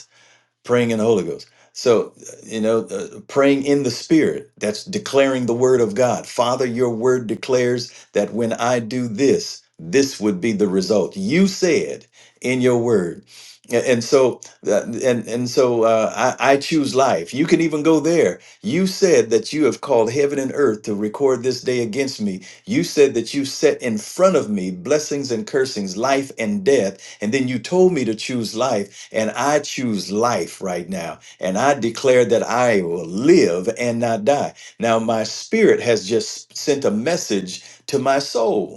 E: praying in the Holy Ghost. So, uh, you know, uh, praying in the Spirit, that's declaring the word of God. Father, your word declares that when I do this, this would be the result. You said in your word. A- And so, uh, and and so, uh, I, I choose life. You can even go there. You said that you have called heaven and earth to record this day against me. You said that you set in front of me blessings and cursings, life and death, and then you told me to choose life and I choose life right now. And I declare that I will live and not die. Now, my spirit has just sent a message to my soul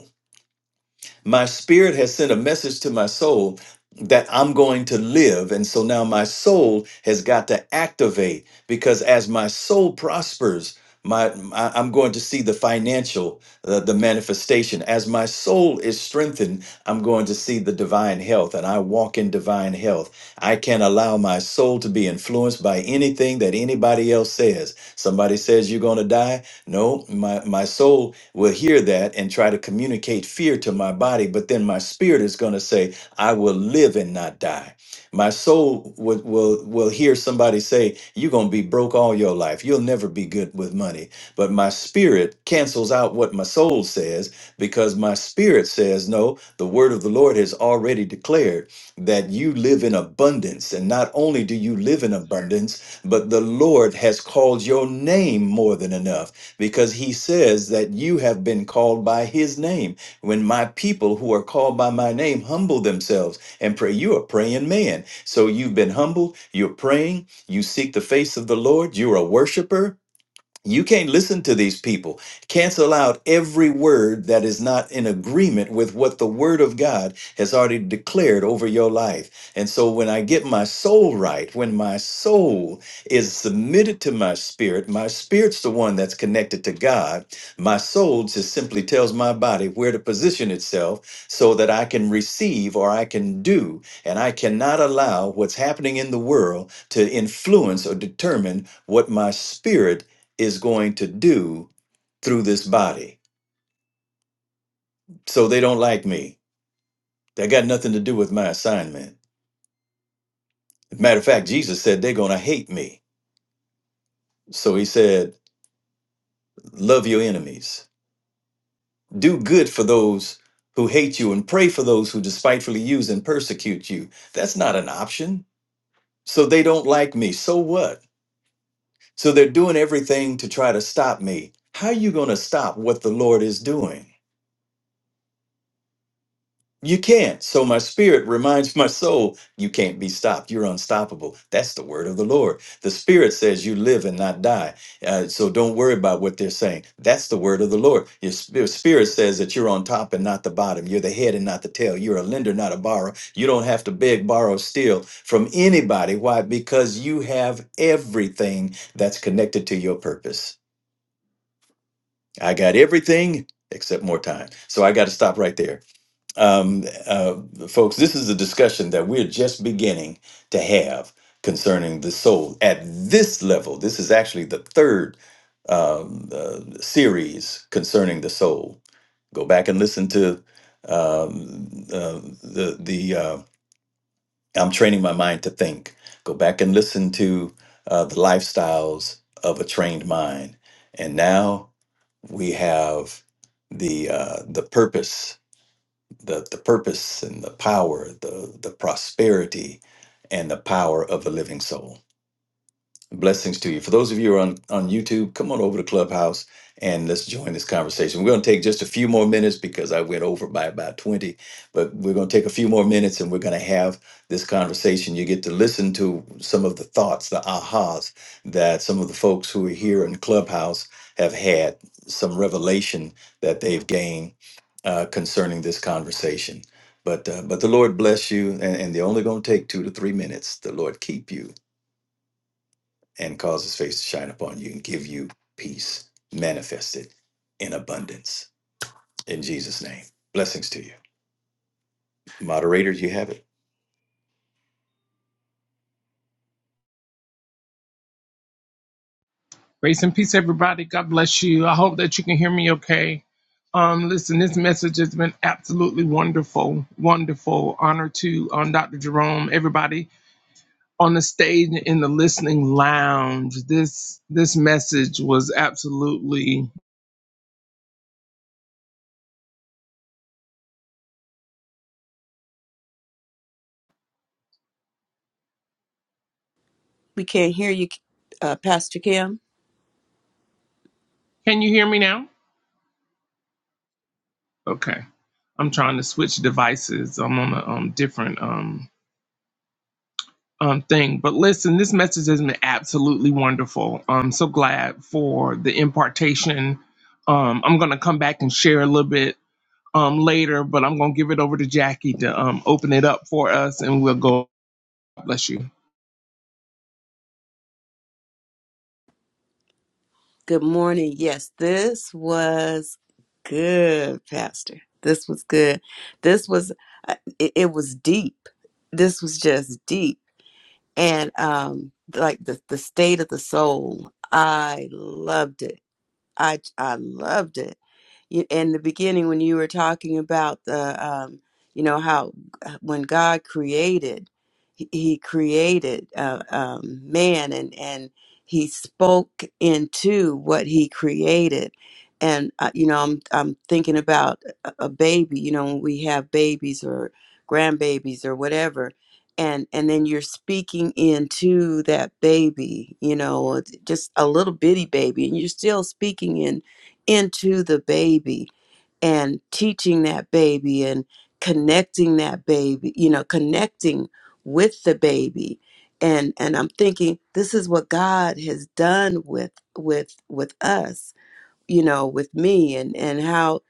E: my spirit has sent a message to my soul that I'm going to live. And so now my soul has got to activate because as my soul prospers, my I- I'm going to see the financial, uh, the manifestation. As my soul is strengthened, I'm going to see the divine health, and I walk in divine health. I can't allow my soul to be influenced by anything that anybody else says. Somebody says you're going to die. No, my, my soul will hear that and try to communicate fear to my body, but then my spirit is going to say, I will live and not die. My soul will, will, will hear somebody say, You're going to be broke all your life. You'll never be good with money. But my spirit cancels out what my soul says because my spirit says, No, the word of the Lord has already declared that you live in abundance. And not only do you live in abundance, but the Lord has called your name more than enough because he says that you have been called by his name. When my people who are called by my name humble themselves and pray, you are praying man. So you've been humble, you're praying, you seek the face of the Lord, you're a worshiper, you can't listen to these people. Cancel out every word that is not in agreement with what the Word of God has already declared over your life. And so when I get my soul right, when my soul is submitted to my spirit, my spirit's the one that's connected to God. My soul just simply tells my body where to position itself so that I can receive or I can do. And I cannot allow what's happening in the world to influence or determine what my spirit is going to do through this body. So they don't like me. That got nothing to do with my assignment. Matter of fact, Jesus said they're going to hate me. So he said, Love your enemies, do good for those who hate you, and pray for those who despitefully use and persecute you. That's not an option. So they don't like me. So what? So they're doing everything to try to stop me. How are you going to stop what the Lord is doing? You can't. So my spirit reminds my soul, you can't be stopped. You're unstoppable. That's the word of the Lord. The spirit says you live and not die. Uh, so don't worry about what they're saying. That's the word of the Lord. Your sp- your spirit says that you're on top and not the bottom. You're the head and not the tail. You're a lender, not a borrower. You don't have to beg, borrow, steal from anybody. Why? Because you have everything that's connected to your purpose. I got everything except more time. So I got to stop right there um, uh, folks, this is a discussion that we're just beginning to have concerning the soul at this level. This is actually the third um, uh, series concerning the soul. Go back and listen to um, uh, the the uh, I'm training my mind to think. Go back and listen to uh, the lifestyles of a trained mind. And now we have the uh, the purpose the the purpose and the power, the the prosperity and the power of a living soul. Blessings to you. For those of you who are on, on YouTube, come on over to Clubhouse and let's join this conversation. We're going to take just a few more minutes because I went over by about 20, but we're going to take a few more minutes and we're going to have this conversation. You get to listen to some of the thoughts, the ahas that some of the folks who are here in Clubhouse have had, some revelation that they've gained uh, concerning this conversation. But, uh, but the Lord bless you, and, and they're only going to take two to three minutes. The Lord keep you and cause his face to shine upon you and give you peace manifested in abundance. In Jesus' name. Blessings to you. Moderator, you have it.
D: Grace and peace, everybody. God bless you. I hope that you can hear me okay. Um, listen, this message has been absolutely wonderful, wonderful. Honor to um, Dr. Jerome, everybody on the stage in the listening lounge. This this message was absolutely.
C: We can't hear you, uh, Pastor Kim.
D: Can you hear me now? Okay, I'm trying to switch devices. I'm on a um, different um, um thing. But listen, this message has been absolutely wonderful. I'm so glad for the impartation. Um, I'm gonna come back and share a little bit um later, but I'm gonna give it over to Jackie to um open it up for us, and we'll go. Bless you.
C: Good morning. Yes, this was good, Pastor. This was good. This was, uh, it, it was deep. This was just deep and um like the the state of the soul i loved it i i loved it you, in the beginning when you were talking about the um you know how when god created he, he created uh, um man and and he spoke into what he created and uh, you know i'm i'm thinking about a, a baby you know when we have babies or grandbabies or whatever and and then you're speaking into that baby you know just a little bitty baby and you're still speaking in into the baby and teaching that baby and connecting that baby you know connecting with the baby and and i'm thinking this is what god has done with with with us you know with me and and how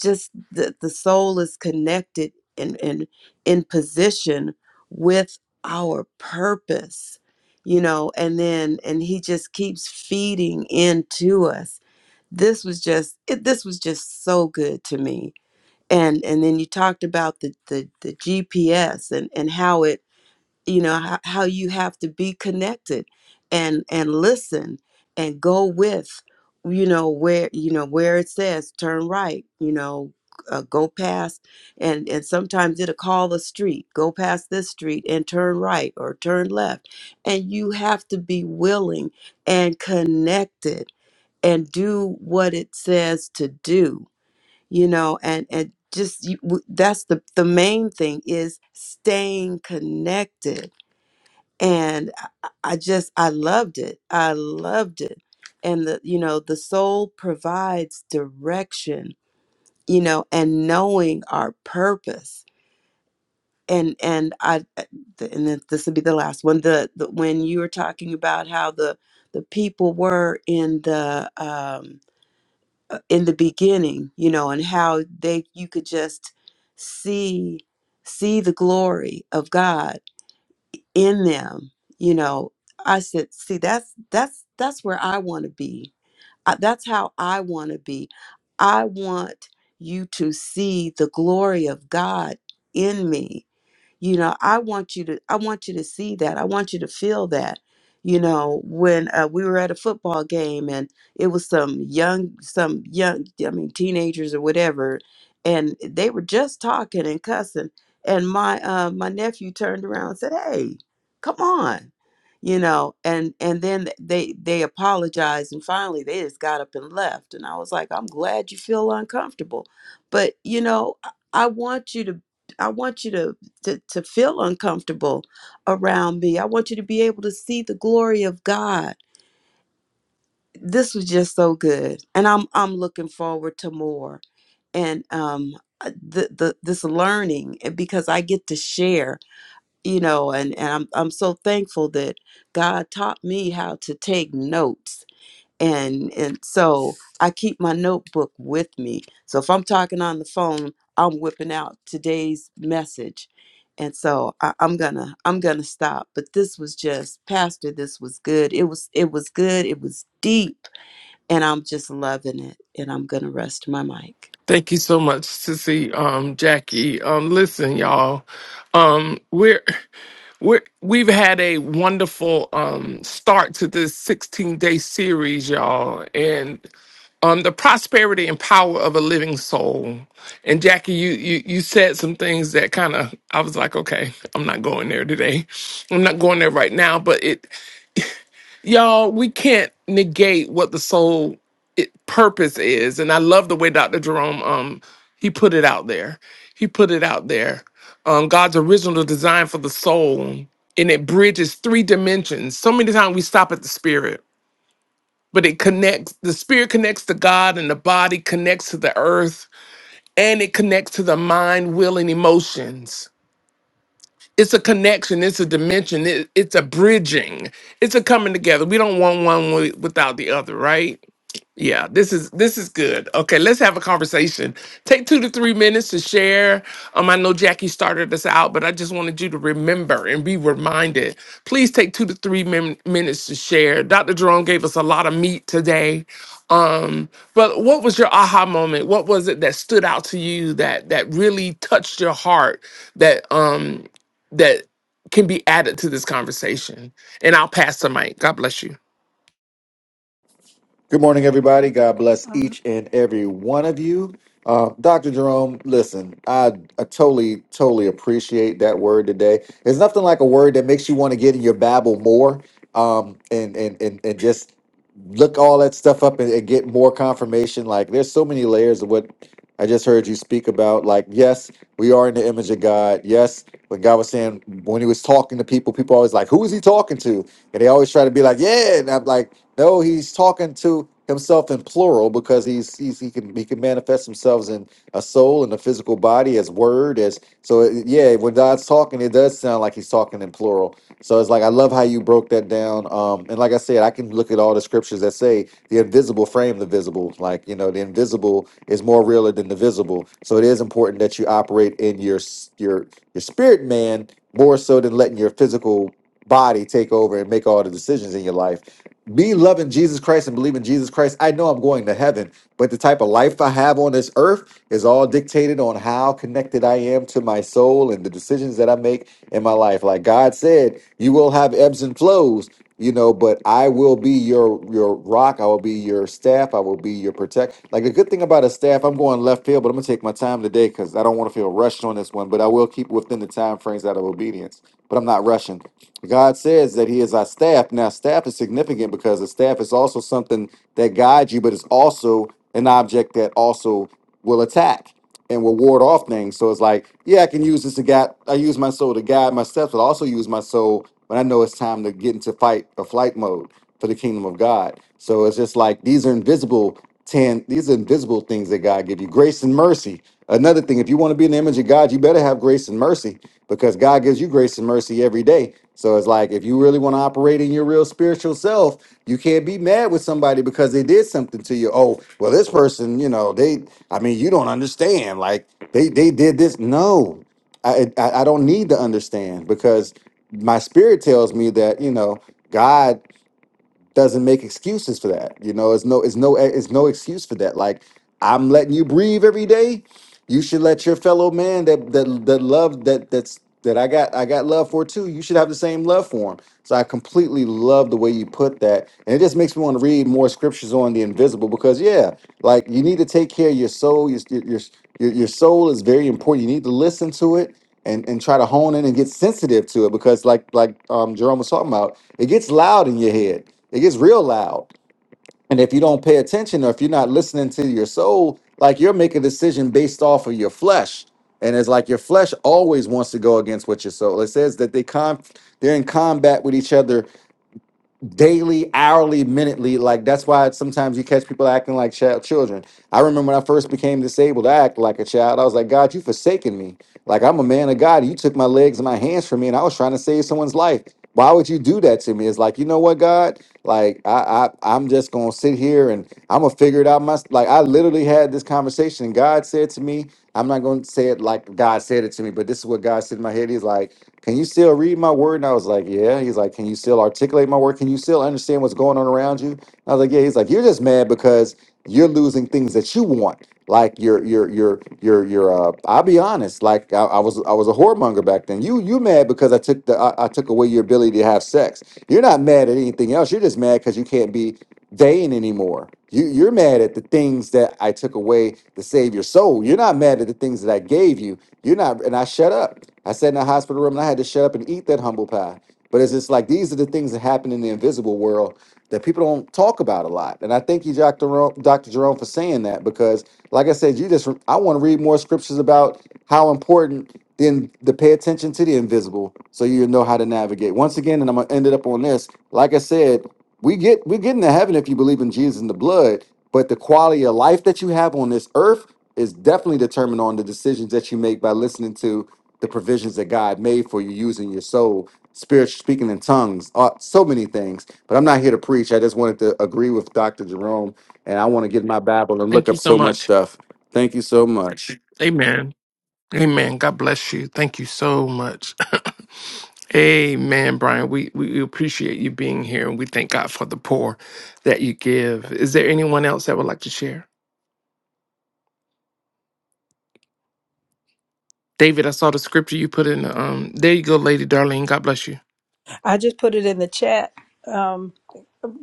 C: just the, the soul is connected and and in position with our purpose you know and then and he just keeps feeding into us this was just it, this was just so good to me and and then you talked about the the, the gps and and how it you know how, how you have to be connected and and listen and go with you know where you know where it says turn right you know uh, go past and and sometimes it'll call a street go past this street and turn right or turn left and you have to be willing and connected and do what it says to do you know and and just you, w- that's the the main thing is staying connected and I I- just I loved it. I loved it. And the you know, the soul provides direction, you know, and knowing our purpose. And and I and then this will be the last one. The, the when you were talking about how the the people were in the um uh, in the beginning, you know, and how they you could just see see the glory of God in them you know i said see that's that's that's where i want to be I, that's how i want to be i want you to see the glory of god in me you know i want you to i want you to see that i want you to feel that you know when uh, we were at a football game and it was some young some young i mean teenagers or whatever and they were just talking and cussing and my uh, my nephew turned around and said hey come on you know and and then they they apologized and finally they just got up and left and i was like i'm glad you feel uncomfortable but you know i I want you to I want you to to, to feel uncomfortable around me. I want you to be able to see the glory of God. This was just so good. And I'm I'm looking forward to more. And um uh, the, the this learning and because I get to share, you know, and, and I'm I'm so thankful that God taught me how to take notes and and so I keep my notebook with me. So if I'm talking on the phone, I'm whipping out today's message, and so I, I'm gonna I'm gonna stop. But this was just Pastor. This was good. It was it was good. It was deep, and I'm just loving it. And I'm gonna rest my mic.
D: Thank you so much, Sissy, um, Jackie. Um, listen, y'all, um, we're we're we've had a wonderful um start to this 16 day series, y'all, and um the prosperity and power of a living soul. And Jackie, you you you said some things that kind of I was like, okay, I'm not going there today. I'm not going there right now, but it y'all we can't negate what the soul it, purpose is and i love the way dr jerome um he put it out there he put it out there um god's original design for the soul and it bridges three dimensions so many times we stop at the spirit but it connects the spirit connects to god and the body connects to the earth and it connects to the mind will and emotions it's a connection. It's a dimension. It, it's a bridging. It's a coming together. We don't want one wi- without the other, right? Yeah, this is this is good. Okay, let's have a conversation. Take two to three minutes to share. Um, I know Jackie started us out, but I just wanted you to remember and be reminded. Please take two to three min- minutes to share. Dr. Jerome gave us a lot of meat today. Um, but what was your aha moment? What was it that stood out to you that that really touched your heart? That um that can be added to this conversation. And I'll pass the mic. God bless you.
F: Good morning, everybody. God bless
G: Um,
F: each and every one of you. Uh, Dr. Jerome, listen, I, I totally, totally appreciate that word today. There's nothing like a word that makes you want to get in your Bible more um, and, and, and, and just look all that stuff up and, and get more confirmation. Like, there's so many layers of what I just heard you speak about. Like, yes, we are in the image of God. Yes, when God was saying, when he was talking to people, people always like, who is he talking to? And they always try to be like, yeah. And I'm like, no, he's talking to himself in plural because he's, he's he can he can manifest himself in a soul and a physical body as word as so it- yeah when God's talking it does sound like he's talking in plural so it's like I love how you broke that down um and like I said I can look at all the scriptures that say the invisible frame the visible like you know the invisible is more realer than the visible so it is important that you operate in your s- your your spirit man more so than letting your physical body take over and make all the decisions in your life. Me loving Jesus Christ and believing Jesus Christ, I know I'm going to heaven, but the type of life I have on this earth is all dictated on how connected I am to my soul and the decisions that I make in my life. Like God said, you will have ebbs and flows, you know, but I will be your your rock, I will be your staff, I will be your protect. Like the good thing about a staff, I'm going left field, but I'm gonna take my time today because I don't want to feel rushed on this one, but I will keep within the time frames out of obedience. But I'm not rushing. God says that He is our staff. Now, staff is significant because a staff is also something that guides you, but it's also an object that also will attack and will ward off things. So it's like, yeah, I can use this to guide. I use my soul to guide my steps, but I also use my soul when I know it's time to get into fight or flight mode for the kingdom of God. So it's just like these are invisible ten. These are invisible things that God give you. Grace and mercy. Another thing, if you want to be in the image of God, you better have grace and mercy because God gives you grace and mercy every day. So it's like if you really want to operate in your real spiritual self, you can't be mad with somebody because they did something to you. Oh, well, this person, you know, they I mean, you don't understand. Like they they did this. No. I I, I don't need to understand because my spirit tells me that, you know, God doesn't make excuses for that. You know, it's no, it's no, it's no excuse for that. Like I'm letting you breathe every day. You should let your fellow man that that that love that that's that I got I got love for too. You should have the same love for him. So I completely love the way you put that, and it just makes me want to read more scriptures on the invisible because yeah, like you need to take care of your soul. Your your your, your soul is very important. You need to listen to it and and try to hone in and get sensitive to it because like like um Jerome was talking about, it gets loud in your head it gets real loud. And if you don't pay attention or if you're not listening to your soul, like you're making a decision based off of your flesh. And it's like your flesh always wants to go against what your soul. It says that they con they're in combat with each other daily, hourly, minutely. Like that's why sometimes you catch people acting like child children. I remember when I first became disabled, I acted like a child. I was like, God, you forsaken me. Like I'm a man of God. You took my legs and my hands from me, and I was trying to save someone's life. Why would you do that to me? It's like, you know what, God? Like I, I I'm just gonna sit here and I'm gonna figure it out. My like I literally had this conversation, and God said to me, I'm not gonna say it like God said it to me, but this is what God said in my head. He's like, Can you still read my word? And I was like, Yeah. He's like, Can you still articulate my word? Can you still understand what's going on around you? I was like, Yeah. He's like, You're just mad because you're losing things that you want, like your your your your your. Uh, I'll be honest, like I, I was I was a whoremonger back then. You you mad because I took the I, I took away your ability to have sex. You're not mad at anything else. You're just mad because you can't be vain anymore. You you're mad at the things that I took away to save your soul. You're not mad at the things that I gave you. You're not. And I shut up. I sat in a hospital room and I had to shut up and eat that humble pie. But it's just like these are the things that happen in the invisible world that people don't talk about a lot. And I thank you, Dr. Jerome, Dr. Jerome, for saying that because, like I said, you just I want to read more scriptures about how important then to pay attention to the invisible so you know how to navigate. Once again, and I'm gonna end it up on this. Like I said, we get we're getting to heaven if you believe in Jesus and the blood, but the quality of life that you have on this earth is definitely determined on the decisions that you make by listening to the provisions that God made for you using your soul, spirit speaking in tongues, uh, so many things. But I'm not here to preach. I just wanted to agree with Dr. Jerome, and I want to get in my Bible and look
D: Thank
F: up
D: you so
F: so much
D: much.
F: stuff. Thank you so much.
D: Amen. Amen. God bless you. Thank you so much. Amen, Brian. We, we we appreciate you being here and we thank God for the pour that you give. Is there anyone else that would like to share? David, I saw the scripture you put in the um there you go, Lady Darlene. God bless you.
G: I just put it in the chat um,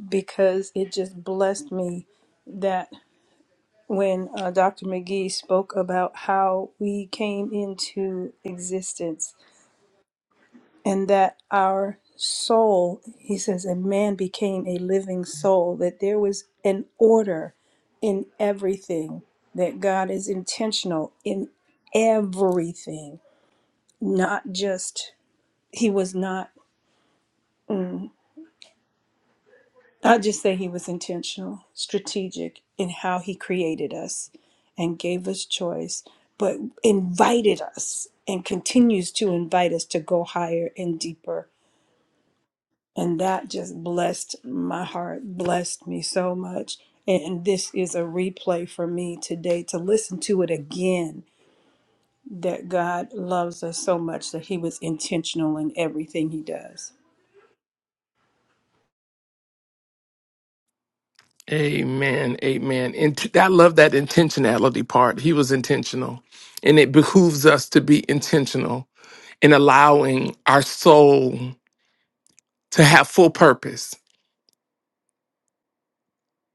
G: because it just blessed me that when uh, Dr. McGee spoke about how we came into existence and that our soul, he says, a man became a living soul, that there was an order in everything, that God is intentional in everything, not just, he was not. mm, I just say he was intentional, strategic in how he created us and gave us choice, but invited us and continues to invite us to go higher and deeper. And that just blessed my heart, blessed me so much. And and this is a replay for me today to listen to it again that God loves us so much that he was intentional in everything he does.
D: Amen. Amen. And t- I love that intentionality part. He was intentional. And it behooves us to be intentional in allowing our soul to have full purpose.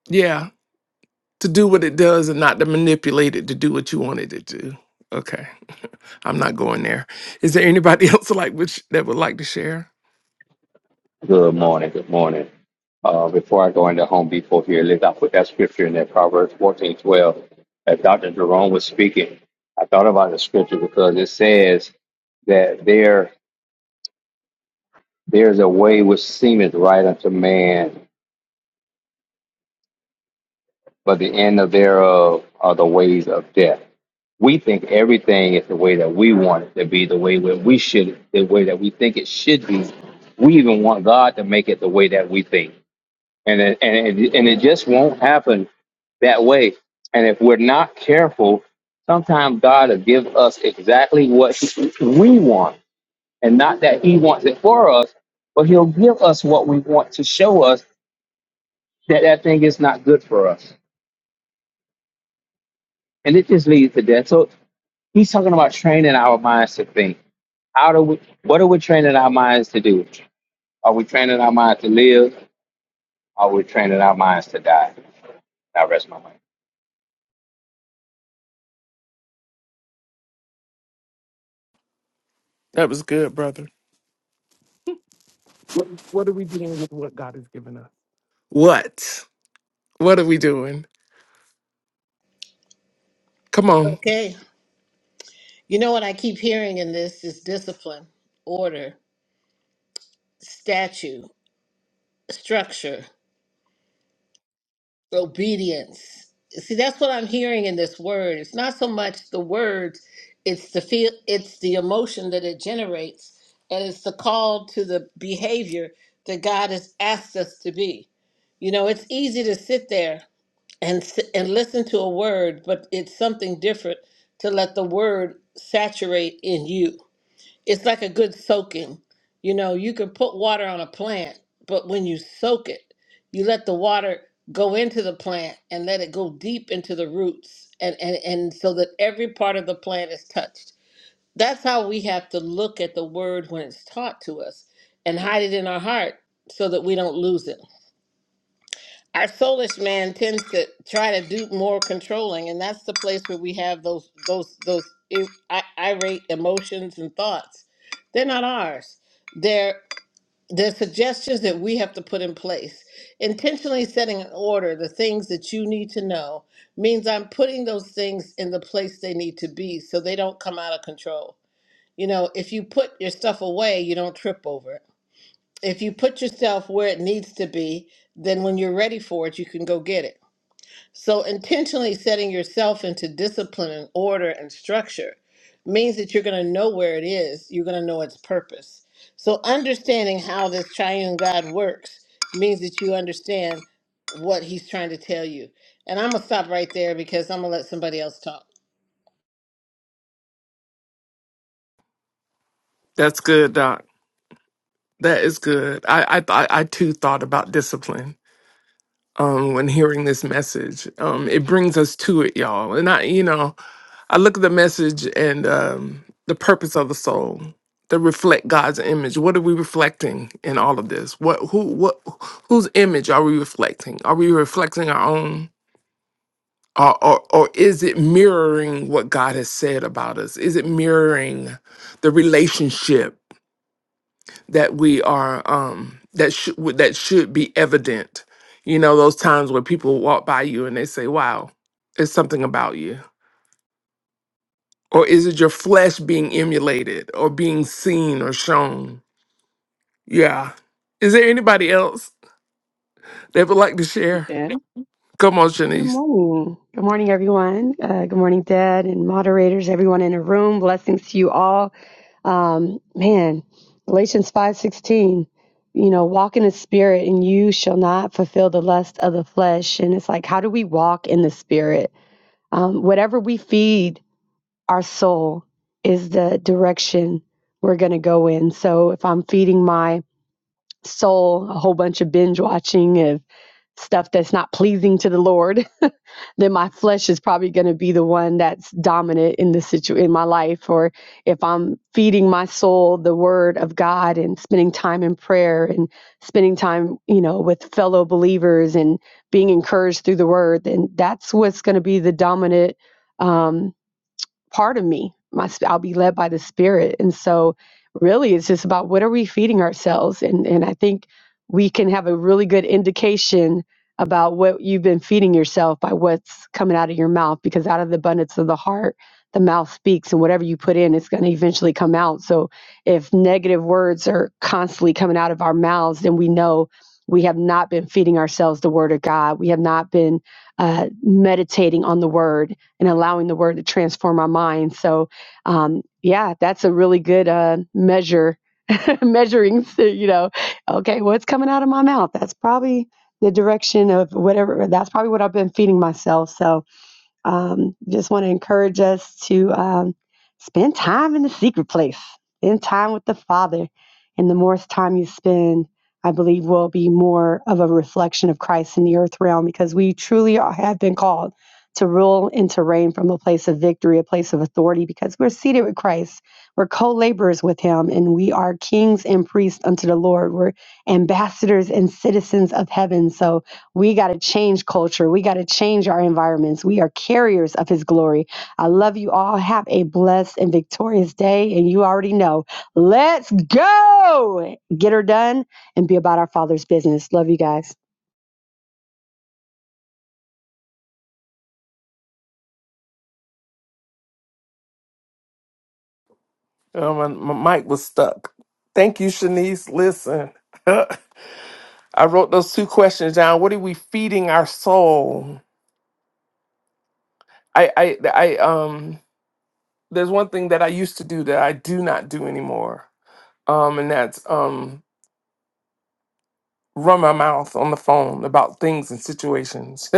D: Yeah. To do what it does and not to manipulate it to do what you want it to do. Okay. I'm not going there. Is there anybody else like which that would like to share?
H: Good morning. Good morning. Uh, before I go into Home Depot here, let's I put that scripture in there, Proverbs fourteen twelve. As Dr. Jerome was speaking, I thought about the scripture because it says that there there's a way which seemeth right unto man, but the end of thereof are the ways of death. We think everything is the way that we want it to be, the way that we should, the way that we think it should be. We even want God to make it the way that we think. and it, and it, and it just won't happen that way. And if we're not careful, sometimes God will give us exactly what he- we want, and not that He wants it for us, but He'll give us what we want to show us that that thing is not good for us, and it just leads to death. So He's talking about training our minds to think. How do we? What are we training our minds to do? Are we training our minds to live? Are we training our minds to die? I rest my mind.
D: That was good, brother. What, what are we doing with what God has given us? What? What are we doing? Come on.
A: Okay. You know what I keep hearing in this is discipline, order, statue, structure, obedience. See, that's what I'm hearing in this word. It's not so much the words, it's the feel it's the emotion that it generates and it's the call to the behavior that God has asked us to be. You know, it's easy to sit there and s- and listen to a word, but it's something different to let the word saturate in you it's like a good soaking. You know, you can put water on a plant, but when you soak it, you let the water go into the plant and let it go deep into the roots and, and, and so that every part of the plant is touched. That's how we have to look at the word when it's taught to us and hide it in our heart so that we don't lose it our soulish man tends to try to do more controlling and that's the place where we have those those those ir- i- irate emotions and thoughts they're not ours they're they're suggestions that we have to put in place intentionally setting in order the things that you need to know means i'm putting those things in the place they need to be so they don't come out of control you know if you put your stuff away you don't trip over it if you put yourself where it needs to be then when you're ready for it you can go get it so, intentionally setting yourself into discipline and order and structure means that you're going to know where it is, you're going to know its purpose. So, understanding how this triune God works means that you understand what he's trying to tell you. And I'm going to stop right there because I'm going to let somebody else talk.
D: That's good, Doc. That is good. I I thought I too thought about discipline um when hearing this message. Um it brings us to it, y'all. And I you know, I look at the message and um the purpose of the soul to reflect God's image. What are we reflecting in all of this? What who what whose image are we reflecting? Are we reflecting our own or, or, or is it mirroring what God has said about us? Is it mirroring the relationship that we are um that should that should be evident you know those times where people walk by you and they say wow it's something about you or is it your flesh being emulated or being seen or shown yeah is there anybody else that would like to share
I: Okay.
D: come on
I: Good
D: shanice
I: morning. Good morning, everyone. Uh, good morning, Dad and moderators, everyone in the room. Blessings to you all. Um, man, Galatians five sixteen. You know, walk in the Spirit, and you shall not fulfill the lust of the flesh. And it's like, how do we walk in the Spirit? Um, whatever we feed our soul is the direction we're going to go in. So if I'm feeding my soul a whole bunch of binge watching, of stuff that's not pleasing to the Lord. then my flesh is probably going to be the one that's dominant in the situ in my life or if i'm feeding my soul the word of god and spending time in prayer and spending time you know with fellow believers and being encouraged through the word then that's what's going to be the dominant um, part of me. My, I'll be led by the Spirit. And so, really, it's just about what are we feeding ourselves? And, and I think we can have a really good indication about what you've been feeding yourself by what's coming out of your mouth, because out of the abundance of the heart, the mouth speaks, and whatever you put in, it's going to eventually come out. So, if negative words are constantly coming out of our mouths, then we know we have not been feeding ourselves the Word of God. We have not been uh, meditating on the Word and allowing the word to transform our mind. So, um, yeah, that's a really good uh, measure, measuring, so, you know, okay, what's coming out of my mouth? That's probably the direction of whatever, that's probably what I've been feeding myself. So, um, just want to encourage us to um, spend time in the secret place, spend time with the Father. And the more time you spend, I believe, will be more of a reflection of Christ in the earth realm because we truly are, have been called to rule and to reign from a place of victory, a place of authority, because we're seated with Christ. We're co laborers with Him, and we are kings and priests unto the Lord. We're ambassadors and citizens of heaven. So, we got to change culture. We got to change our environments. We are carriers of His glory. I love you all. Have a blessed and victorious day. And you already know, let's go get her done and be about our Father's business. Love you guys.
D: oh my, my mic was stuck thank you shanice listen i wrote those two questions down what are we feeding our soul i i i um there's one thing that I used to do that I do not do anymore, um, and that's um, run my mouth on the phone about things and situations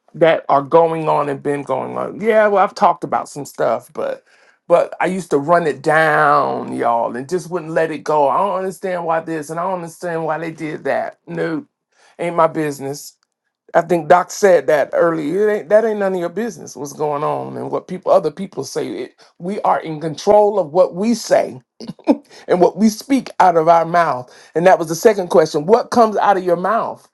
D: that are going on and been going on. Yeah, well, I've talked about some stuff, but but I used to run it down, y'all, and just wouldn't let it go. I don't understand why this, and I don't understand why they did that. No, ain't my business. I think Doc said that earlier. It ain't, that ain't none of your business what's going on and what people, other people say. It, we are in control of what we say and what we speak out of our mouth. And that was the second question: What comes out of your mouth?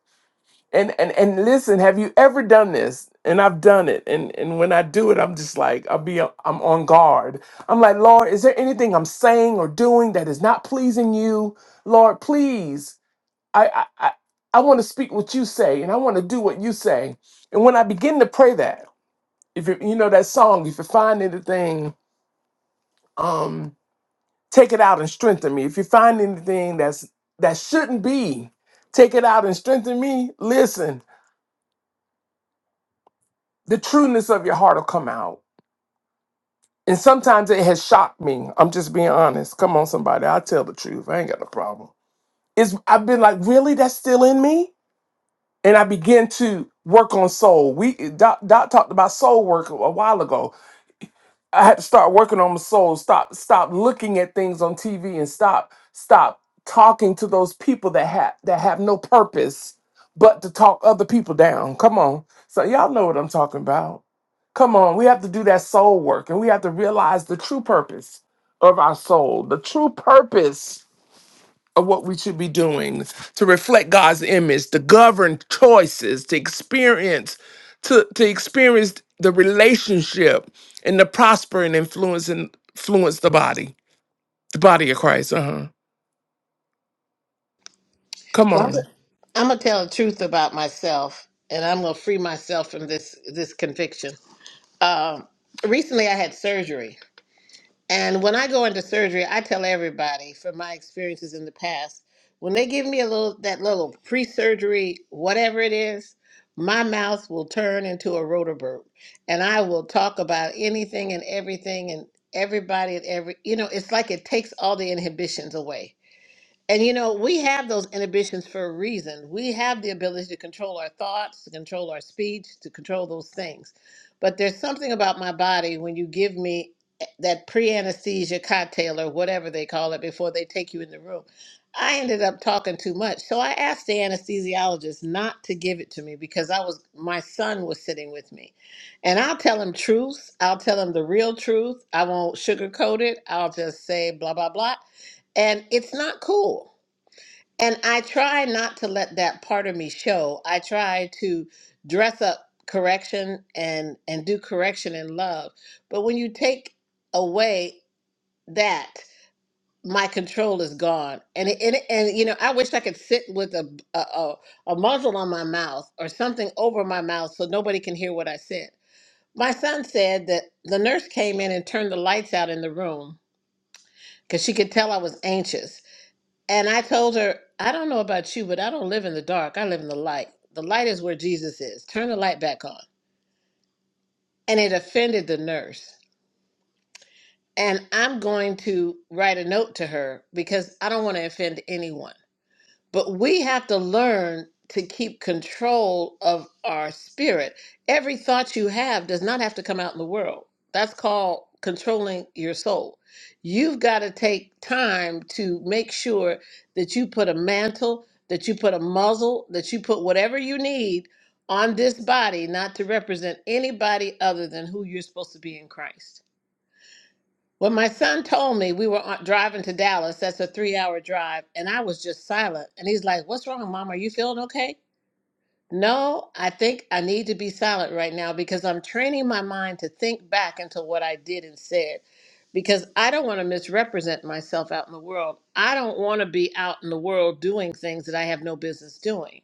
D: And and and listen, have you ever done this? And I've done it. And and when I do it, I'm just like I'll be I'm on guard. I'm like, Lord, is there anything I'm saying or doing that is not pleasing you? Lord, please. I, I, I I want to speak what you say, and I want to do what you say. And when I begin to pray that, if you, you know that song, if you find anything, um, take it out and strengthen me. If you find anything that's that shouldn't be, take it out and strengthen me. Listen, the trueness of your heart will come out. And sometimes it has shocked me. I'm just being honest. Come on, somebody, i tell the truth. I ain't got no problem. It's I've been like, really, that's still in me and I began to work on soul. We Doc, Doc talked about soul work a while ago. I had to start working on my soul. Stop, stop looking at things on TV and stop, stop talking to those people that have that have no purpose but to talk other people down. Come on, so y'all know what I'm talking about. Come on, we have to do that soul work, and we have to realize the true purpose of our soul, the true purpose of what we should be doing to reflect God's image, to govern choices, to experience, to, to experience the relationship and to prosper and influence and influence the body, the body of Christ. Uh-huh. Come
A: Well,
D: on.
A: I'm gonna tell the truth about myself, and I'm gonna free myself from this this conviction. Um, recently, I had surgery, and when I go into surgery, I tell everybody from my experiences in the past, when they give me a little that little pre-surgery whatever it is, my mouth will turn into a rotorboat, and I will talk about anything and everything and everybody and every you know it's like it takes all the inhibitions away and you know, we have those inhibitions for a reason. We have the ability to control our thoughts, to control our speech, to control those things. But there's something about my body when you give me eh, that pre anesthesia cocktail or whatever they call it before they take you in the room. I ended up talking too much. So I asked the anesthesiologist not to give it to me because I was my son was sitting with me. And I'll tell him truths. I'll tell him the real truth. I won't sugarcoat it. I'll just say blah blah blah. And it's not cool and I try not to let that part of me show. I try to dress up correction and and do correction in love. But when you take away that, my control is gone. And it, and, it- and you know, I wish I could sit with a, a a a muzzle on my mouth or something over my mouth so nobody can hear what I said. My son said that the nurse came in and turned the lights out in the room because she could tell I was anxious and I told her, I don't know about you, but I don't live in the dark. I live in the light. The light is where Jesus is. Turn the light back on. And it offended the nurse. And I'm going to write a note to her because I don't want to offend anyone. But we have to learn to keep control of our spirit. Every thought you have does not have to come out in the world. That's called controlling your soul. You've got to take time to make sure that you put a mantle, that you put a muzzle, that you put whatever you need on this body, not to represent anybody other than who you're supposed to be in Christ. Well, my son told me we were on- driving to Dallas. That's a three hour drive. And I was just silent. And he's like, What's wrong, mom? Are you feeling okay? No, I think I need to be silent right now because I'm training my mind to think back into what I did and said because I don't want to misrepresent myself out in the world. I don't want to be out in the world doing things that I have no business doing.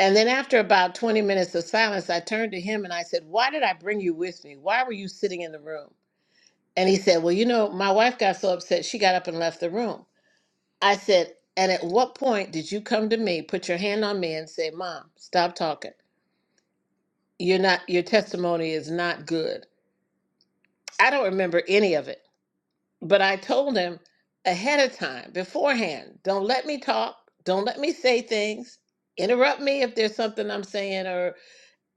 A: And then after about 20 minutes of silence, I turned to him and I said, Why did I bring you with me? Why were you sitting in the room? And he said, Well, you know, my wife got so upset, she got up and left the room. I said, And at what point did you come to me, put your hand on me, and say, Mom, stop talking? You're not, your testimony is not good. I don't remember any of it, but I told him ahead of time, beforehand, don't let me talk, don't let me say things, interrupt me if there's something I'm saying, or.'"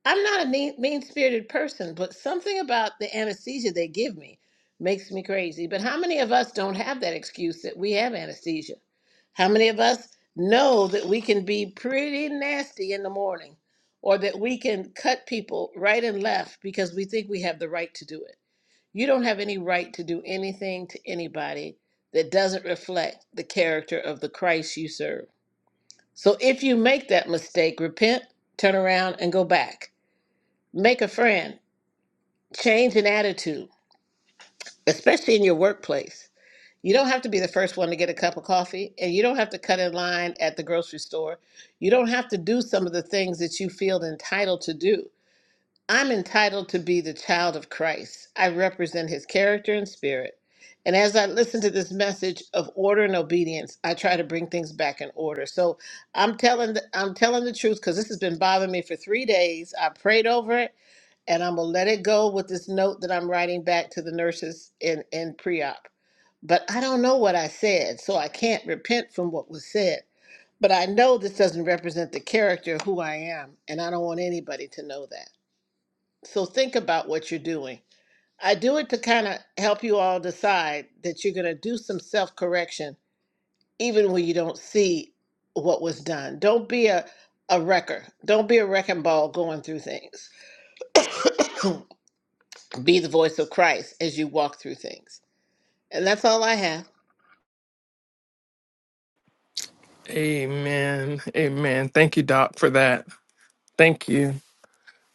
A: I'm not a mean spirited person, but something about the anesthesia they give me makes me crazy. But how many of us don't have that excuse that we have anesthesia? How many of us know that we can be pretty nasty in the morning or that we can cut people right and left because we think we have the right to do it? You don't have any right to do anything to anybody that doesn't reflect the character of the Christ you serve. So if you make that mistake, repent, turn around, and go back Make a friend. Change an attitude, especially in your workplace. You don't have to be the first one to get a cup of coffee, and you don't have to cut in line at the grocery store. You don't have to do some of the things that you feel entitled to do. I'm entitled to be the child of Christ. I represent his character and spirit. And as I listen to this message of order and obedience, I try to bring things back in order. So I'm telling the, I'm telling the truth because this has been bothering me for three days. I prayed over it and I'm gonna let it go with this note that I'm writing back to the nurses in in pre-op. But I don't know what I said, so I can't repent from what was said. But I know this doesn't represent the character of who I am, and I don't want anybody to know that. So think about what you're doing. I do it to kind of help you all decide that you're gonna do some self-correction, even when you don't see what was done. Don't be a a wrecker. Don't be a wrecking ball going through things. Be the voice of Christ as you walk through things. And that's all I have.
D: Amen. Amen. Thank you, Doc, for that. Thank you.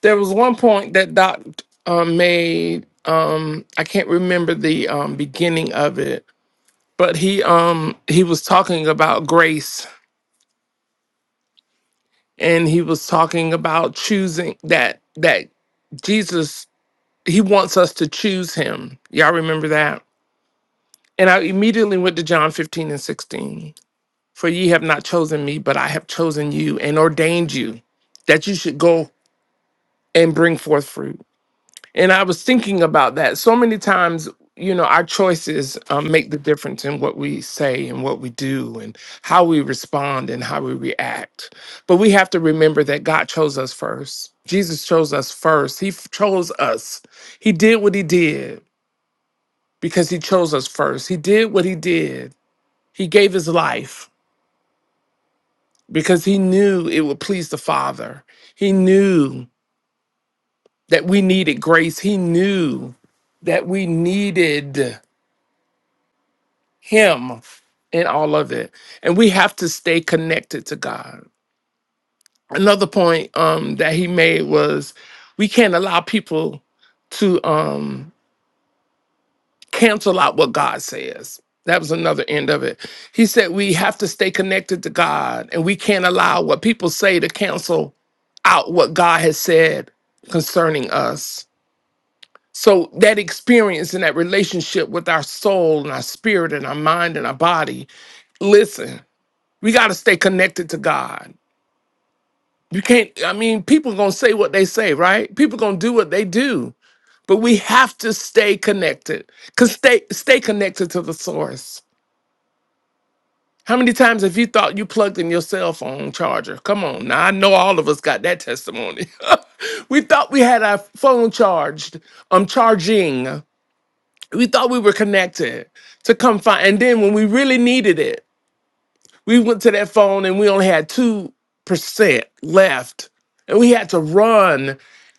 D: There was one point that Doc um, made. Um, I can't remember the um, beginning of it, but he um, he was talking about grace and he was talking about choosing that that Jesus he wants us to choose him. Y'all remember that? And I immediately went to John 15 and 16. For ye have not chosen me, but I have chosen you and ordained you that you should go and bring forth fruit and I was thinking about that. So many times, you know, our choices um, make the difference in what we say and what we do and how we respond and how we react. But we have to remember that God chose us first. Jesus chose us first. He f- chose us. He did what he did because he chose us first. He did what he did. He gave his life because he knew it would please the Father. He knew that we needed grace. He knew that we needed him in all of it. And we have to stay connected to God. Another point um, that he made was we can't allow people to um, cancel out what God says. That was another end of it. He said we have to stay connected to God and we can't allow what people say to cancel out what God has said concerning us. So that experience and that relationship with our soul and our spirit and our mind and our body, listen, We got to stay connected to God. You can't, I mean, people going to say what they say, right? People going to do what they do, but we have to stay connected. Cause stay, stay connected to the source. How many times have you thought you plugged in your cell phone charger? Come on. Now I know all of us got that testimony. we thought we had our phone charged, um, charging. We thought we were connected to come find. And then when we really needed it, We went to that phone and we only had 2% left. And we had to run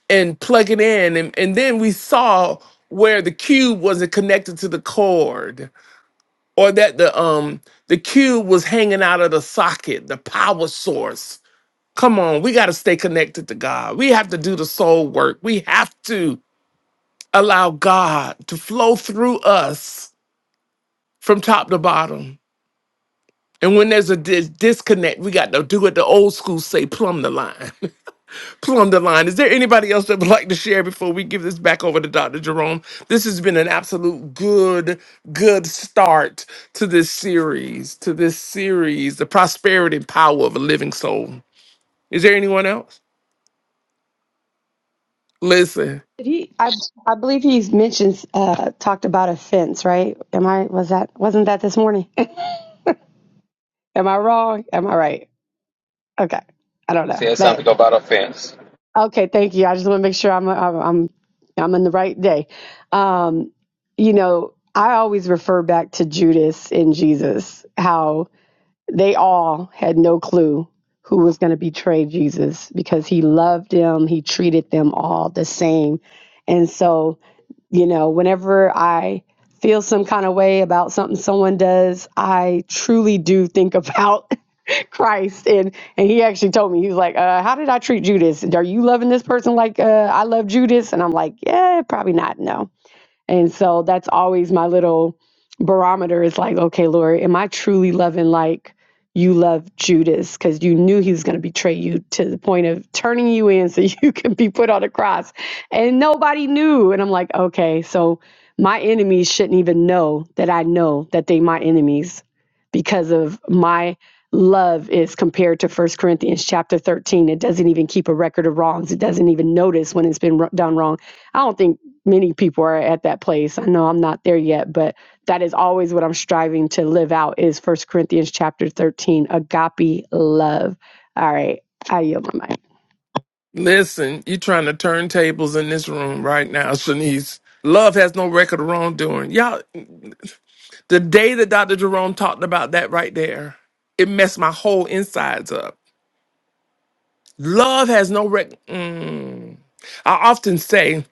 D: and plug it in. And, and then we saw where the cube wasn't connected to the cord or that the um the cube was hanging out of the socket, the power source. Come on, we got to stay connected to God. We have to do the soul work. We have to allow God to flow through us from top to bottom And when there's a dis- disconnect, we got to do what the old school say, plumb the line. plumb the line. Is there anybody else that would like to share before we give this back over to Dr. Jerome? This has been an absolute good, good start to this series, to this series, the prosperity and power of a living soul. Is there anyone else? Listen,
I: Did he? I I believe he's mentioned uh, talked about a fence, right? Am I was that wasn't that this morning? Am I wrong? Am I right? Okay, I don't
H: He
I: know,
H: said
I: but.
H: something about offense.
I: Okay, thank you. I just want to make sure I'm I'm I'm I'm in the right day. Um, you know, I always refer back to Judas and Jesus, how they all had no clue who was going to betray Jesus because he loved them, he treated them all the same. And so, you know, whenever I feel some kind of way about something someone does, I truly do think about Christ. And and he actually told me, he was like, uh, how did I treat Judas? Are you loving this person like uh, I love Judas? And I'm like, yeah, probably not. No. And so that's always my little barometer is like, okay, Lord, am I truly loving like you love Judas? Because you knew he was going to betray you to the point of turning you in so you can be put on a cross. And nobody knew. And I'm like, okay, so my enemies shouldn't even know that I know that they my enemies because of my love is compared to First Corinthians chapter 13 it doesn't even keep a record of wrongs it doesn't even notice when it's been wr- done wrong I don't think many people are at that place. I know I'm not there yet, but that is always what I'm striving to live out is First Corinthians chapter 13, agape love. All right, I yield my mic.
D: listen, you're trying to turn tables in this room right now, Shanice. Love has no record of wrongdoing. Y'all, The day that Dr. Jerome talked about that right there, it messed my whole insides up. Love has no rec. Mm. I often say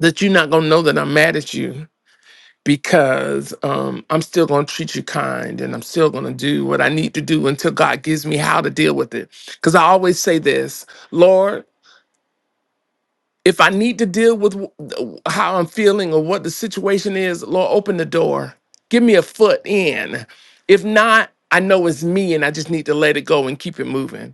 D: that you're not gonna know that I'm mad at you because um, I'm still gonna treat you kind and I'm still gonna do what I need to do until God gives me how to deal with it. Because I always say this, Lord. If I need to deal with w- how I'm feeling or what the situation is, Lord, open the door. Give me a foot in. If not, I know it's me and I just need to let it go and keep it moving.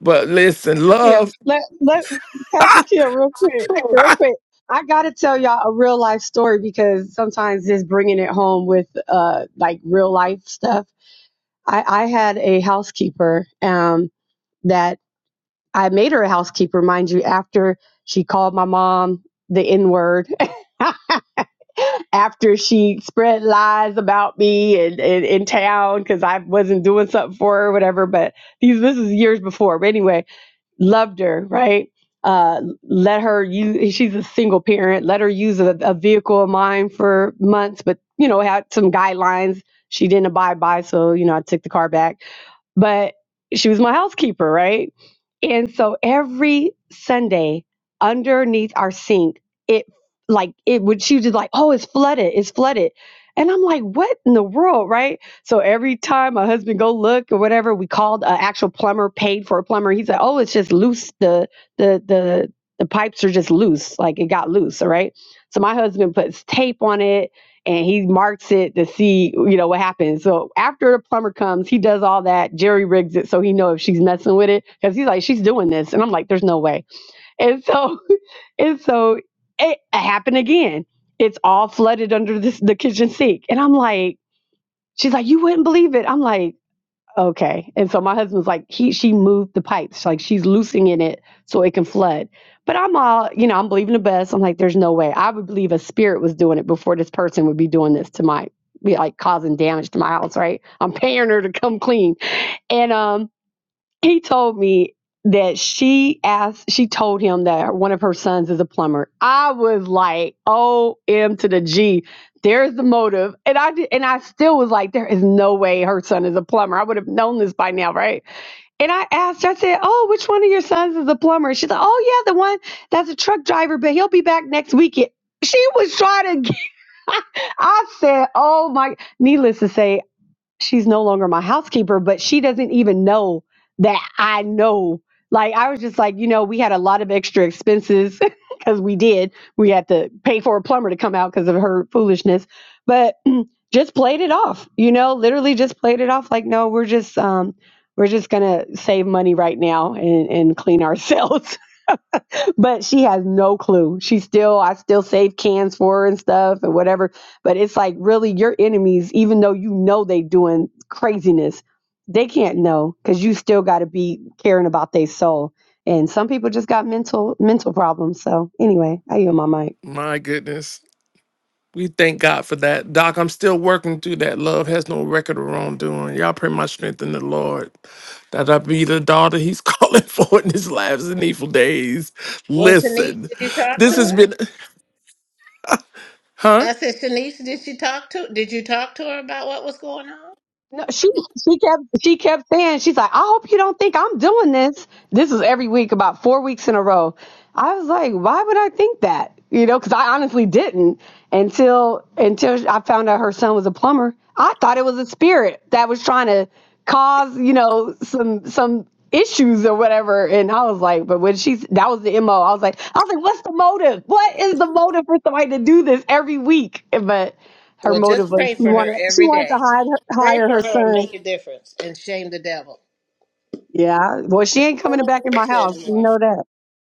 D: But listen,
I: Pastor Kim,
D: love,
I: let let Pastor Kim real quick, real quick. I gotta tell y'all a real life story because sometimes just bringing it home with uh like real life stuff. I I had a housekeeper um that I made her a housekeeper, mind you, after she called my mom the N word after she spread lies about me and in, in, town because I wasn't doing something for her or whatever. But these this is years before. But anyway, loved her, right? Uh, let her use. She's a single parent. Let her use a, a vehicle of mine for months, but you know had some guidelines she didn't abide by. So you know I took the car back but she was my housekeeper, right? And so every Sunday, underneath our sink, it like it would she was just like, oh, it's flooded, it's flooded. And I'm like, what in the world, right? So every time my husband go look or whatever, we called an actual plumber, paid for a plumber. He said, oh, it's just loose. The the the the pipes are just loose, like it got loose, all right. So my husband puts tape on it and he marks it to see you know what happens so after the plumber comes he does all that jerry rigs it so he know if she's messing with it because he's like she's doing this and i'm like there's no way and so and so it happened again it's all flooded under this, the kitchen sink and i'm like she's like you wouldn't believe it i'm like Okay. And so my husband's like, he she moved the pipes, like she's loosening it so it can flood. But I'm all, you know, I'm believing the best. I'm like, there's no way. I would believe a spirit was doing it before this person would be doing this to my be like causing damage to my house, right? I'm paying her to come clean. And um he told me that she asked she told him that one of her sons is a plumber i was like om to the g there's the motive and i did, and i still was like there is no way her son is a plumber i would have known this by now right and i asked her, i said oh which one of your sons is a plumber she's like oh yeah the one that's a truck driver but he'll be back next weekend she was trying to get, i said oh my needless to say she's no longer my housekeeper, but she doesn't even know that I know. Like I was just like, you know, we had a lot of extra expenses because we did. We had to pay for a plumber to come out because of her foolishness, but just played it off. You know, literally just played it off. Like, no, we're just um, we're just gonna save money right now and and clean ourselves. but she has no clue. She still, I still save cans for her and stuff and whatever. But it's like really your enemies, even though you know they doing craziness, they can't know because you still got to be caring about their soul. And some people just got mental mental problems. So anyway, I yield my mic.
D: my goodness. We thank God for that. Doc, I'm still working through that. Love has no record of wrongdoing. Y'all pray my strength in the Lord that I be the daughter he's calling for in his last and evil days.
A: Well, Shanice,
D: Listen,
A: did you talk to
D: this has
A: her?
D: been, huh?
A: I said, Shanice, did she talk to did you talk to her about what was going on?
I: No, she she kept she kept saying she's like, I hope you don't think I'm doing this. This is every week, about four weeks in a row. I was like, why would I think that? You know, because I honestly didn't until until I found out her son was a plumber. I thought it was a spirit that was trying to cause you know some some issues or whatever. And I was like, but when she that was the mo, I was like, I was like, what's the motive? What is the motive for somebody to do this every week? But her
A: Well,
I: motive
A: just
I: was
A: pray
I: you
A: for
I: want
A: her
I: to? She
A: every
I: wanted to
A: day.
I: hide her,
A: Pray
I: hire
A: for
I: her
A: her and
I: son.
A: make a difference and shame the devil.
I: Yeah. Well, she ain't
A: He no
I: coming
A: longer
I: back in my
A: works there
I: house. You
A: anymore.
I: know that.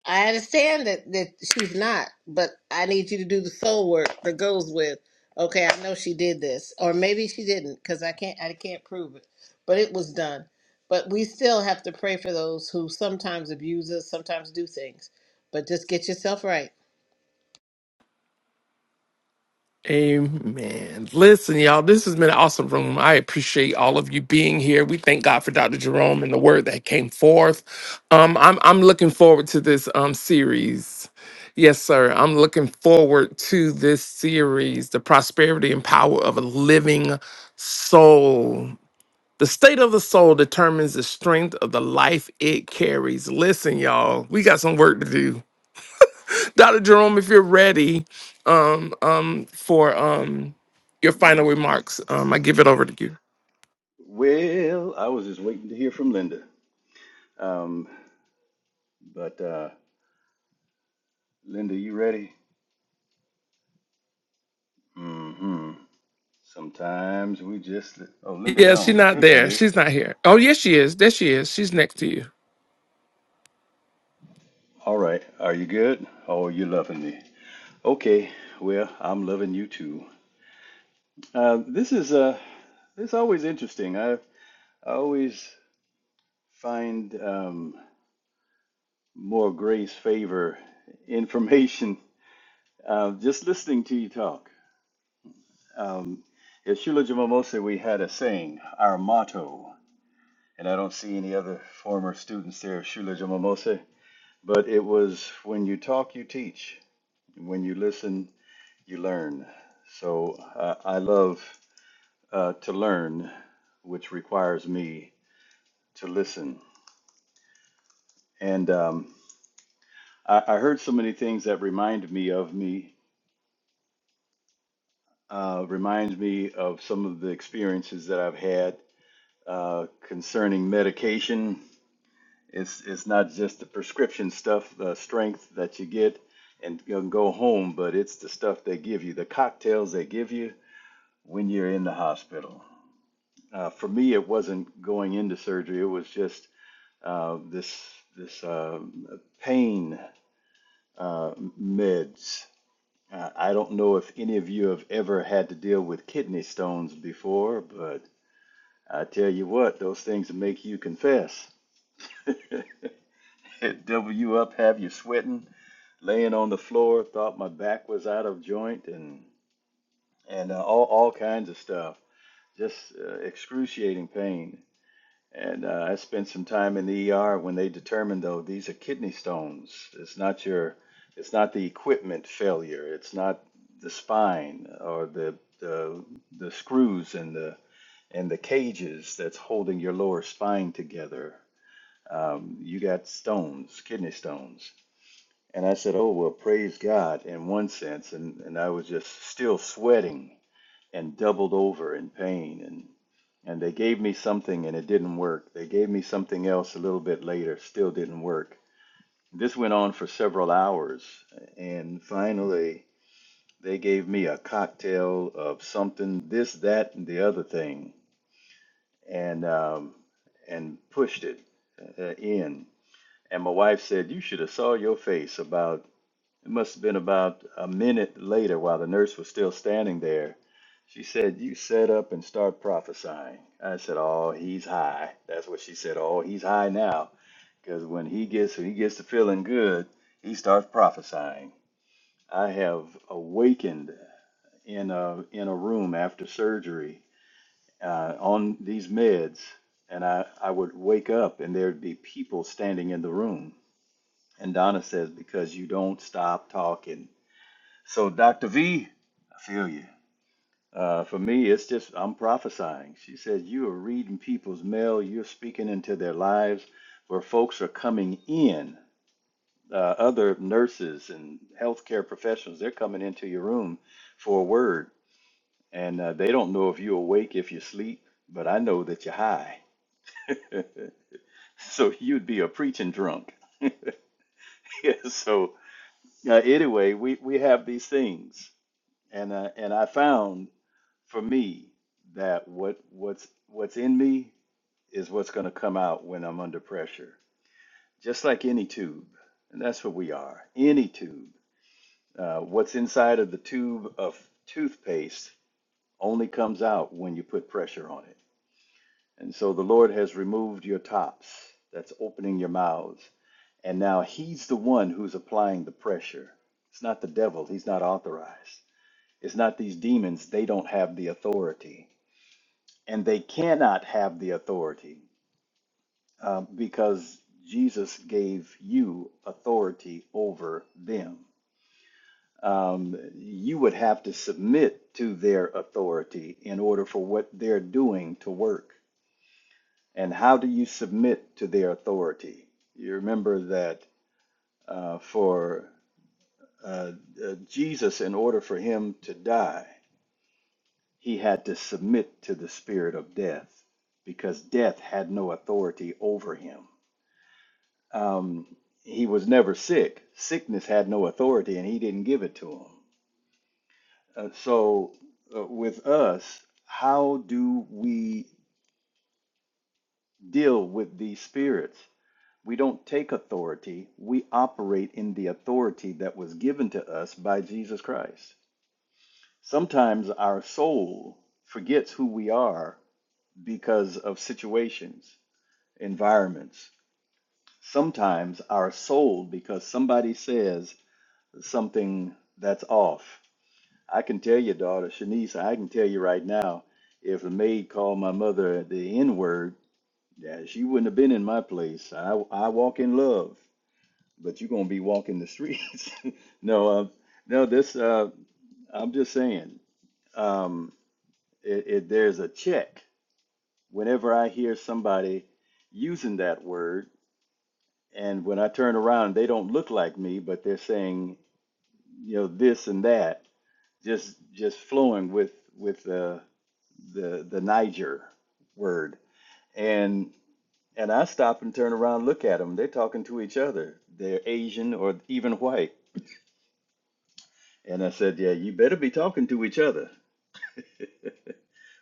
A: I understand that that she's not, but I need you to do the soul work that goes with. Okay, I know she did this, or maybe she didn't, because I can't I can't prove it, but it was done. But we still have to pray for those who sometimes abuse us, sometimes do things. But just get yourself right.
D: Amen. Listen, y'all, this has been an awesome room. I appreciate all of you being here. We thank God for Dr. Jerome and the word that came forth. Um, I'm I'm looking forward to this um series. Yes, sir. I'm looking forward to this series, The Prosperity and Power of a Living Soul. The state of the soul determines the strength of the life it carries. Listen, y'all, we got some work to do. Dr. Jerome, if you're ready um, um, for um, your final remarks, um, I give it over to you.
E: Well, I was just waiting to hear from Linda. Um, but uh, Linda, you ready? Mm-hmm. Sometimes we just oh, Linda
D: Yeah, she's
E: gone.
D: not
E: There she
D: there.
E: is.
D: She's not here. Oh, yes, she is. There she is. She's next to you.
E: All right. Are you good? Oh, you're loving me. Okay. Well, I'm loving you too. Uh, this is uh, it's always interesting. I I always find um, more grace, favor, information. Uh, just listening to you talk. Um, at Shula Jamamose, we had a saying, our motto, and I don't see any other former students there of Shula Jamamose, but it was when you talk, you teach. When you listen, you learn. So uh, I love uh, to learn, which requires me to listen. And um, I, I heard so many things that reminded me of me uh, reminds me of some of the experiences that I've had uh, concerning medication. It's it's not just the prescription stuff, the strength that you get and you can go home, but it's the stuff they give you, the cocktails they give you when you're in the hospital. Uh, for me, it wasn't going into surgery; it was just uh, this this uh, pain uh, meds. Uh, I don't know if any of you have ever had to deal with kidney stones before, but I tell you what, those things that make you confess. Double you up, have you sweating, laying on the floor, thought my back was out of joint, and and uh, all all kinds of stuff, just uh, excruciating pain. And uh, I spent some time in the ER when they determined though these are kidney stones. It's not your, it's not the equipment failure. It's not the spine or the the the screws and the and the cages that's holding your lower spine together um, you got stones, kidney stones. And I said, oh, well, praise God in one sense. And, and I was just still sweating and doubled over in pain. And, and they gave me something and it didn't work. They gave me something else a little bit later, still didn't work. This went on for several hours. And finally, they gave me a cocktail of something, this, that, and the other thing, and, um, and pushed it uh, in And my wife said, "You should have saw your face." About it must have been about a minute later, while the nurse was still standing there. She said, "You set up and start prophesying." I said, "Oh, he's high." That's what she said. Oh, he's high now, because when he gets he gets to feeling good, he starts prophesying. I have awakened in a in a room after surgery uh, on these meds, and I I would wake up and there'd be people standing in the room and Donna says, because you don't stop talking. So, Dr. V, I feel you. Uh, for me, it's just, I'm prophesying. She says, you are reading people's mail, you're speaking into their lives where folks are coming in. Uh, other nurses and healthcare professionals, they're coming into your room for a word. And uh, they don't know if you're awake, if you're asleep, but I know that you're high. so, you'd be a preaching drunk. Yeah, so, uh, anyway, we, we have these things. and uh, and I found for me that what what's what's in me is what's going to come out when I'm under pressure, just like any tube, and that's what we are. Any tube, uh, what's inside of the tube of toothpaste only comes out when you put pressure on it. And so the Lord has removed your tops, that's opening your mouths, and now He's the one who's applying the pressure. It's not the devil; he's not authorized. It's not these demons; they don't have the authority and they cannot have the authority uh, because Jesus gave you authority over them. Um, you would have to submit to their authority in order for what they're doing to work. And how do you submit to their authority? You remember that uh, for uh, uh, Jesus, in order for him to die, he had to submit to the spirit of death because death had no authority over him Um, he was never sick. Sickness had no authority, and he didn't give it to him. Uh, so, uh, with us, how do we deal with these spirits? We don't take authority, we operate in the authority that was given to us by Jesus Christ. Sometimes our soul forgets who we are because of situations, environments. Sometimes our soul, because somebody says, something that's off. I can tell your daughter, Shanice, I can tell you right now, if a maid called my mother the N word, yeah, she wouldn't have been in my place. I, I walk in love, but you're going to be walking the streets. no, uh, no, this, uh, I'm just saying, um, it, it, there's a check whenever I hear somebody using that word. And when I turn around, they don't look like me, but they're saying, you know, this and that just just flowing with with the the the Niger word. And and I stop and turn around, and look at them. They're talking to each other. They're Asian or even white. And I said, yeah, you better be talking to each other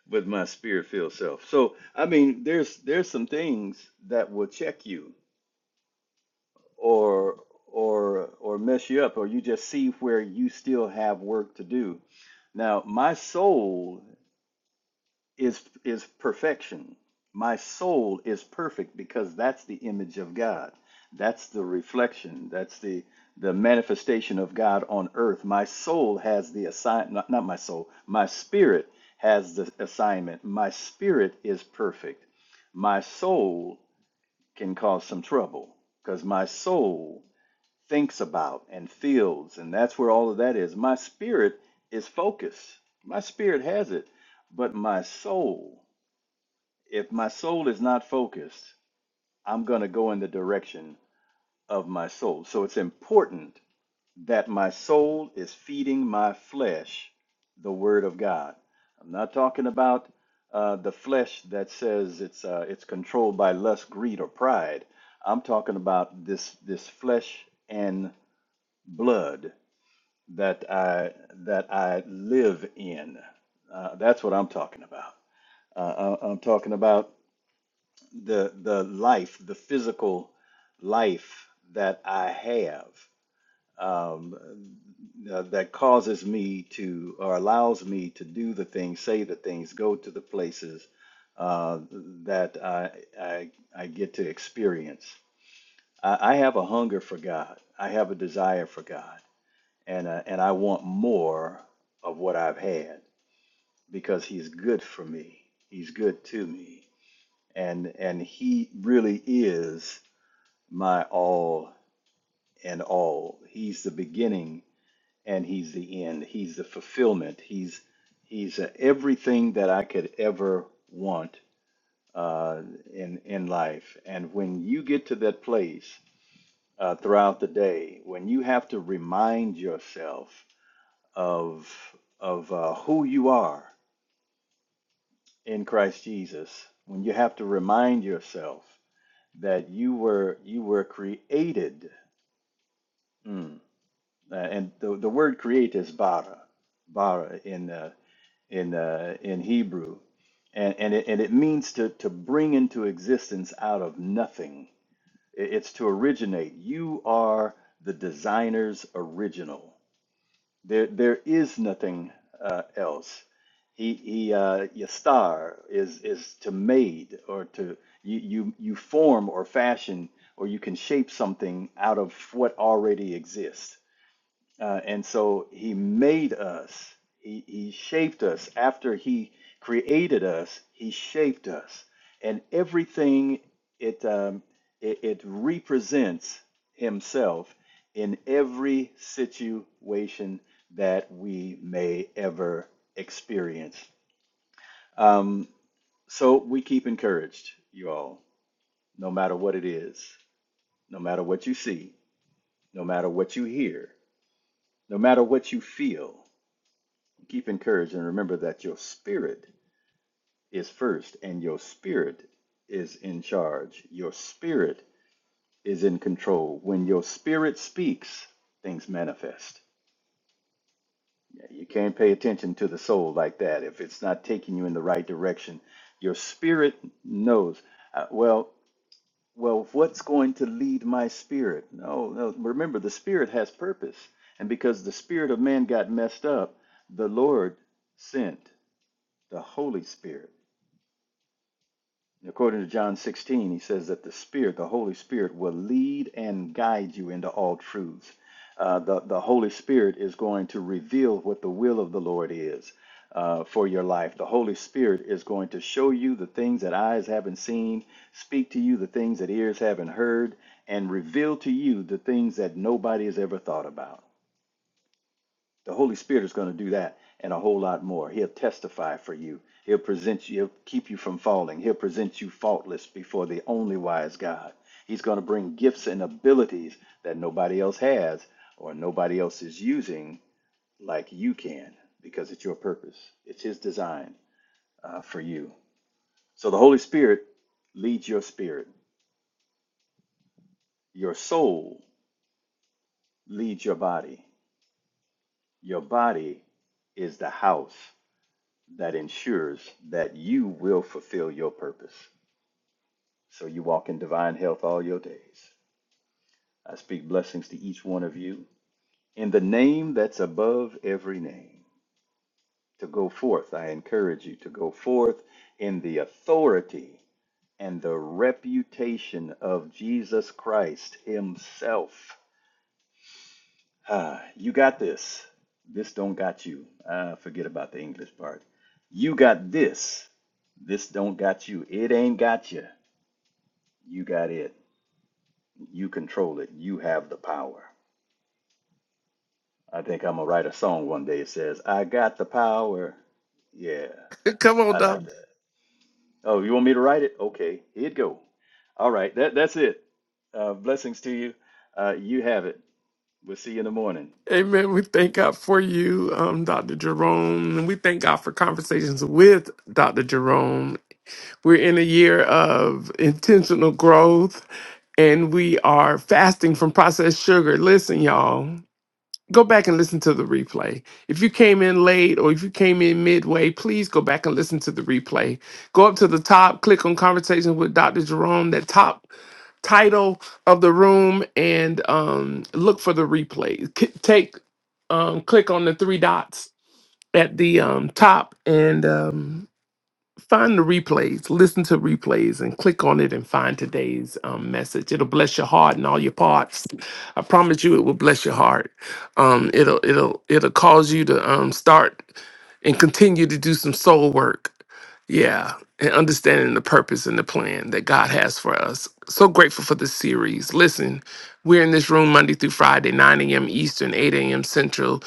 E: with my spirit-filled self. So I mean, there's there's some things that will check you or or or mess you up, or you just see where you still have work to do. Now, my soul is is perfection. My soul is perfect because that's the image of God. That's the reflection. That's the the manifestation of God on earth. My soul has the assign not, not my soul. My spirit has the assignment. My spirit is perfect. My soul can cause some trouble because my soul thinks about and feels and that's where all of that is. My spirit is focused. My spirit has it, but my soul if my soul is not focused, I'm going to go in the direction of my soul. So it's important that my soul is feeding my flesh the word of God. I'm not talking about uh, the flesh that says it's uh, it's controlled by lust, greed, or pride. I'm talking about this this flesh and blood that I that I live in. Uh, that's what I'm talking about. Uh, I- I'm talking about the the life, the physical life that I have um, uh, that causes me to or allows me to do the things, say the things, go to the places uh, that I, I I get to experience. I, I have a hunger for God. I have a desire for God, and uh, and I want more of what I've had because He's good for me. He's good to me, and and He really is my all and all. He's the beginning and he's the end. He's the fulfillment. He's he's uh, everything that I could ever want uh, in in life. And when you get to that place uh, throughout the day, when you have to remind yourself of of uh, who you are in Christ Jesus, when you have to remind yourself that you were you were created. Mm. Uh, and the, the word create is bara, bara in uh, in uh, in Hebrew, and and it, and it means to to bring into existence out of nothing. I- It's to originate. You are the designer's original. There there is nothing uh, else. He he uh, yastar is is to made or to you you you form or fashion or you can shape something out of what already exists uh, and so he made us, he, he shaped us. After he created us, he shaped us. And everything it, um, it, it represents himself in every situation that we may ever experience. Um, so we keep encouraged, you all, no matter what it is, no matter what you see, no matter what you hear, no matter what you feel. Keep encouraged and remember that your spirit is first and your spirit is in charge. Your spirit is in control. When your spirit speaks, things manifest. Yeah, You can't pay attention to the soul like that if it's not taking you in the right direction. Your spirit knows. Uh, well, well, what's going to lead my spirit? No, no. Remember, the spirit has purpose, and because the spirit of man got messed up, the Lord sent the Holy Spirit According to John 16, he says that the Spirit, the Holy Spirit, will lead and guide you into all truths. Uh, the, the Holy Spirit is going to reveal what the will of the Lord is uh, for your life. The Holy Spirit is going to show you the things that eyes haven't seen, speak to you the things that ears haven't heard, and reveal to you the things that nobody has ever thought about. The Holy Spirit is going to do that and a whole lot more. He'll testify for you. He'll present you, he'll keep you from falling. He'll present you faultless before the only wise God. He's going to bring gifts and abilities that nobody else has or nobody else is using like you can because it's your purpose. It's His design uh, for you. So the Holy Spirit leads your spirit, your soul leads your body. Your body is the house that ensures that you will fulfill your purpose so you walk in divine health all your days. I speak blessings to each one of you in the name that's above every name. To go forth, I encourage you to go forth in the authority and the reputation of Jesus Christ Himself. Ah, you got this. This don't got you. Ah, forget about the English part. You got this. This don't got you. It ain't got you. You got it. You control it. You have the power. I think I'm gonna write a song one day. It says, "I got the power." Yeah,
D: Come on,
E: I like
D: Doc.
E: that. Oh, you want me to write it? Okay, here it go. All right, that that's it. Uh, blessings to you. Uh, you have it. We'll see you in the morning.
D: Amen. We thank God for you, um, Dr. Jerome. And we thank God for conversations with Dr. Jerome. We're in a year of intentional growth and we are fasting from processed sugar. Listen, y'all. go back and listen to the replay. If you came in late or if you came in midway, please go back and listen to the replay. Go up to the top, click on Conversation with Dr. Jerome, that top title of the room, and um, look for the replay. C- take, um, click on the three dots at the um, top and. um, find the replays, listen to replays, and click on it and find today's um, message. It'll bless your heart and all your parts. I promise you, it will bless your heart. Um, it'll it'll it'll cause you to um, start and continue to do some soul work. Yeah, and understanding the purpose and the plan that God has for us. So grateful for this series. Listen, we're in this room Monday through Friday, 9 a.m. Eastern, 8 a.m. Central.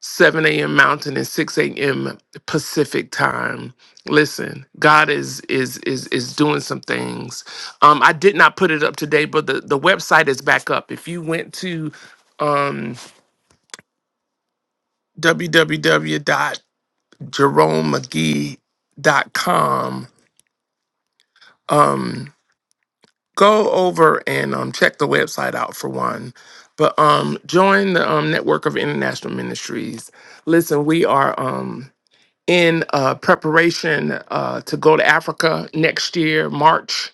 D: 7 a.m. Mountain and 6 a.m. Pacific time. Listen, God is is is is doing some things. Um, I did not put it up today, but the, the website is back up. If you went to um www.jeromemcgee.com, um, go over and um check the website out for one. But um join the um network of international ministries. Listen, we are um in uh, preparation uh, to go to Africa next year, March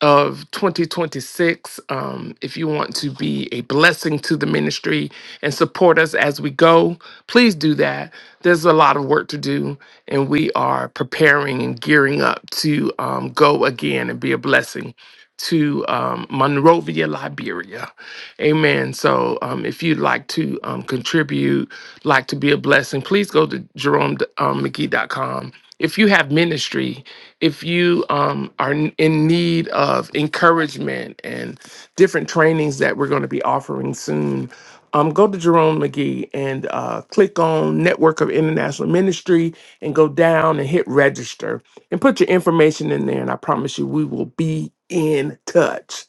D: of 2026. Um, if you want to be a blessing to the ministry and support us as we go, please do that. There's a lot of work to do, and we are preparing and gearing up to um, go again and be a blessing to um, Monrovia, Liberia. Amen. So um, if you'd like to um, contribute, like to be a blessing, please go to jeromemcgee.com. If you have ministry, if you um, are n- in need of encouragement and different trainings that we're going to be offering soon, um, go to Jerome McGee and uh, click on Network of International Ministry and go down and hit register and put your information in there. And I promise you, we will be in touch.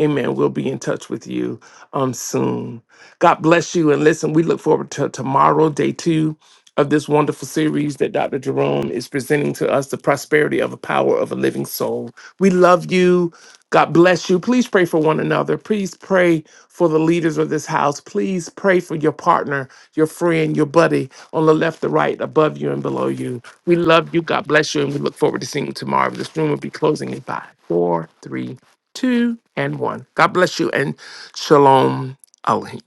D: Amen. We'll be in touch with you um soon. God bless you. And listen, we look forward to tomorrow, day two of this wonderful series that Dr. Jerome is presenting to us, The Prosperity of a Power of a Living Soul. We love you. God bless you. Please pray for one another. Please pray for the leaders of this house. Please pray for your partner, your friend, your buddy on the left, the right, above you, and below you. We love you. God bless you. And we look forward to seeing you tomorrow. This room will be closing in five, four, three, two, and one. God bless you and shalom aleichem.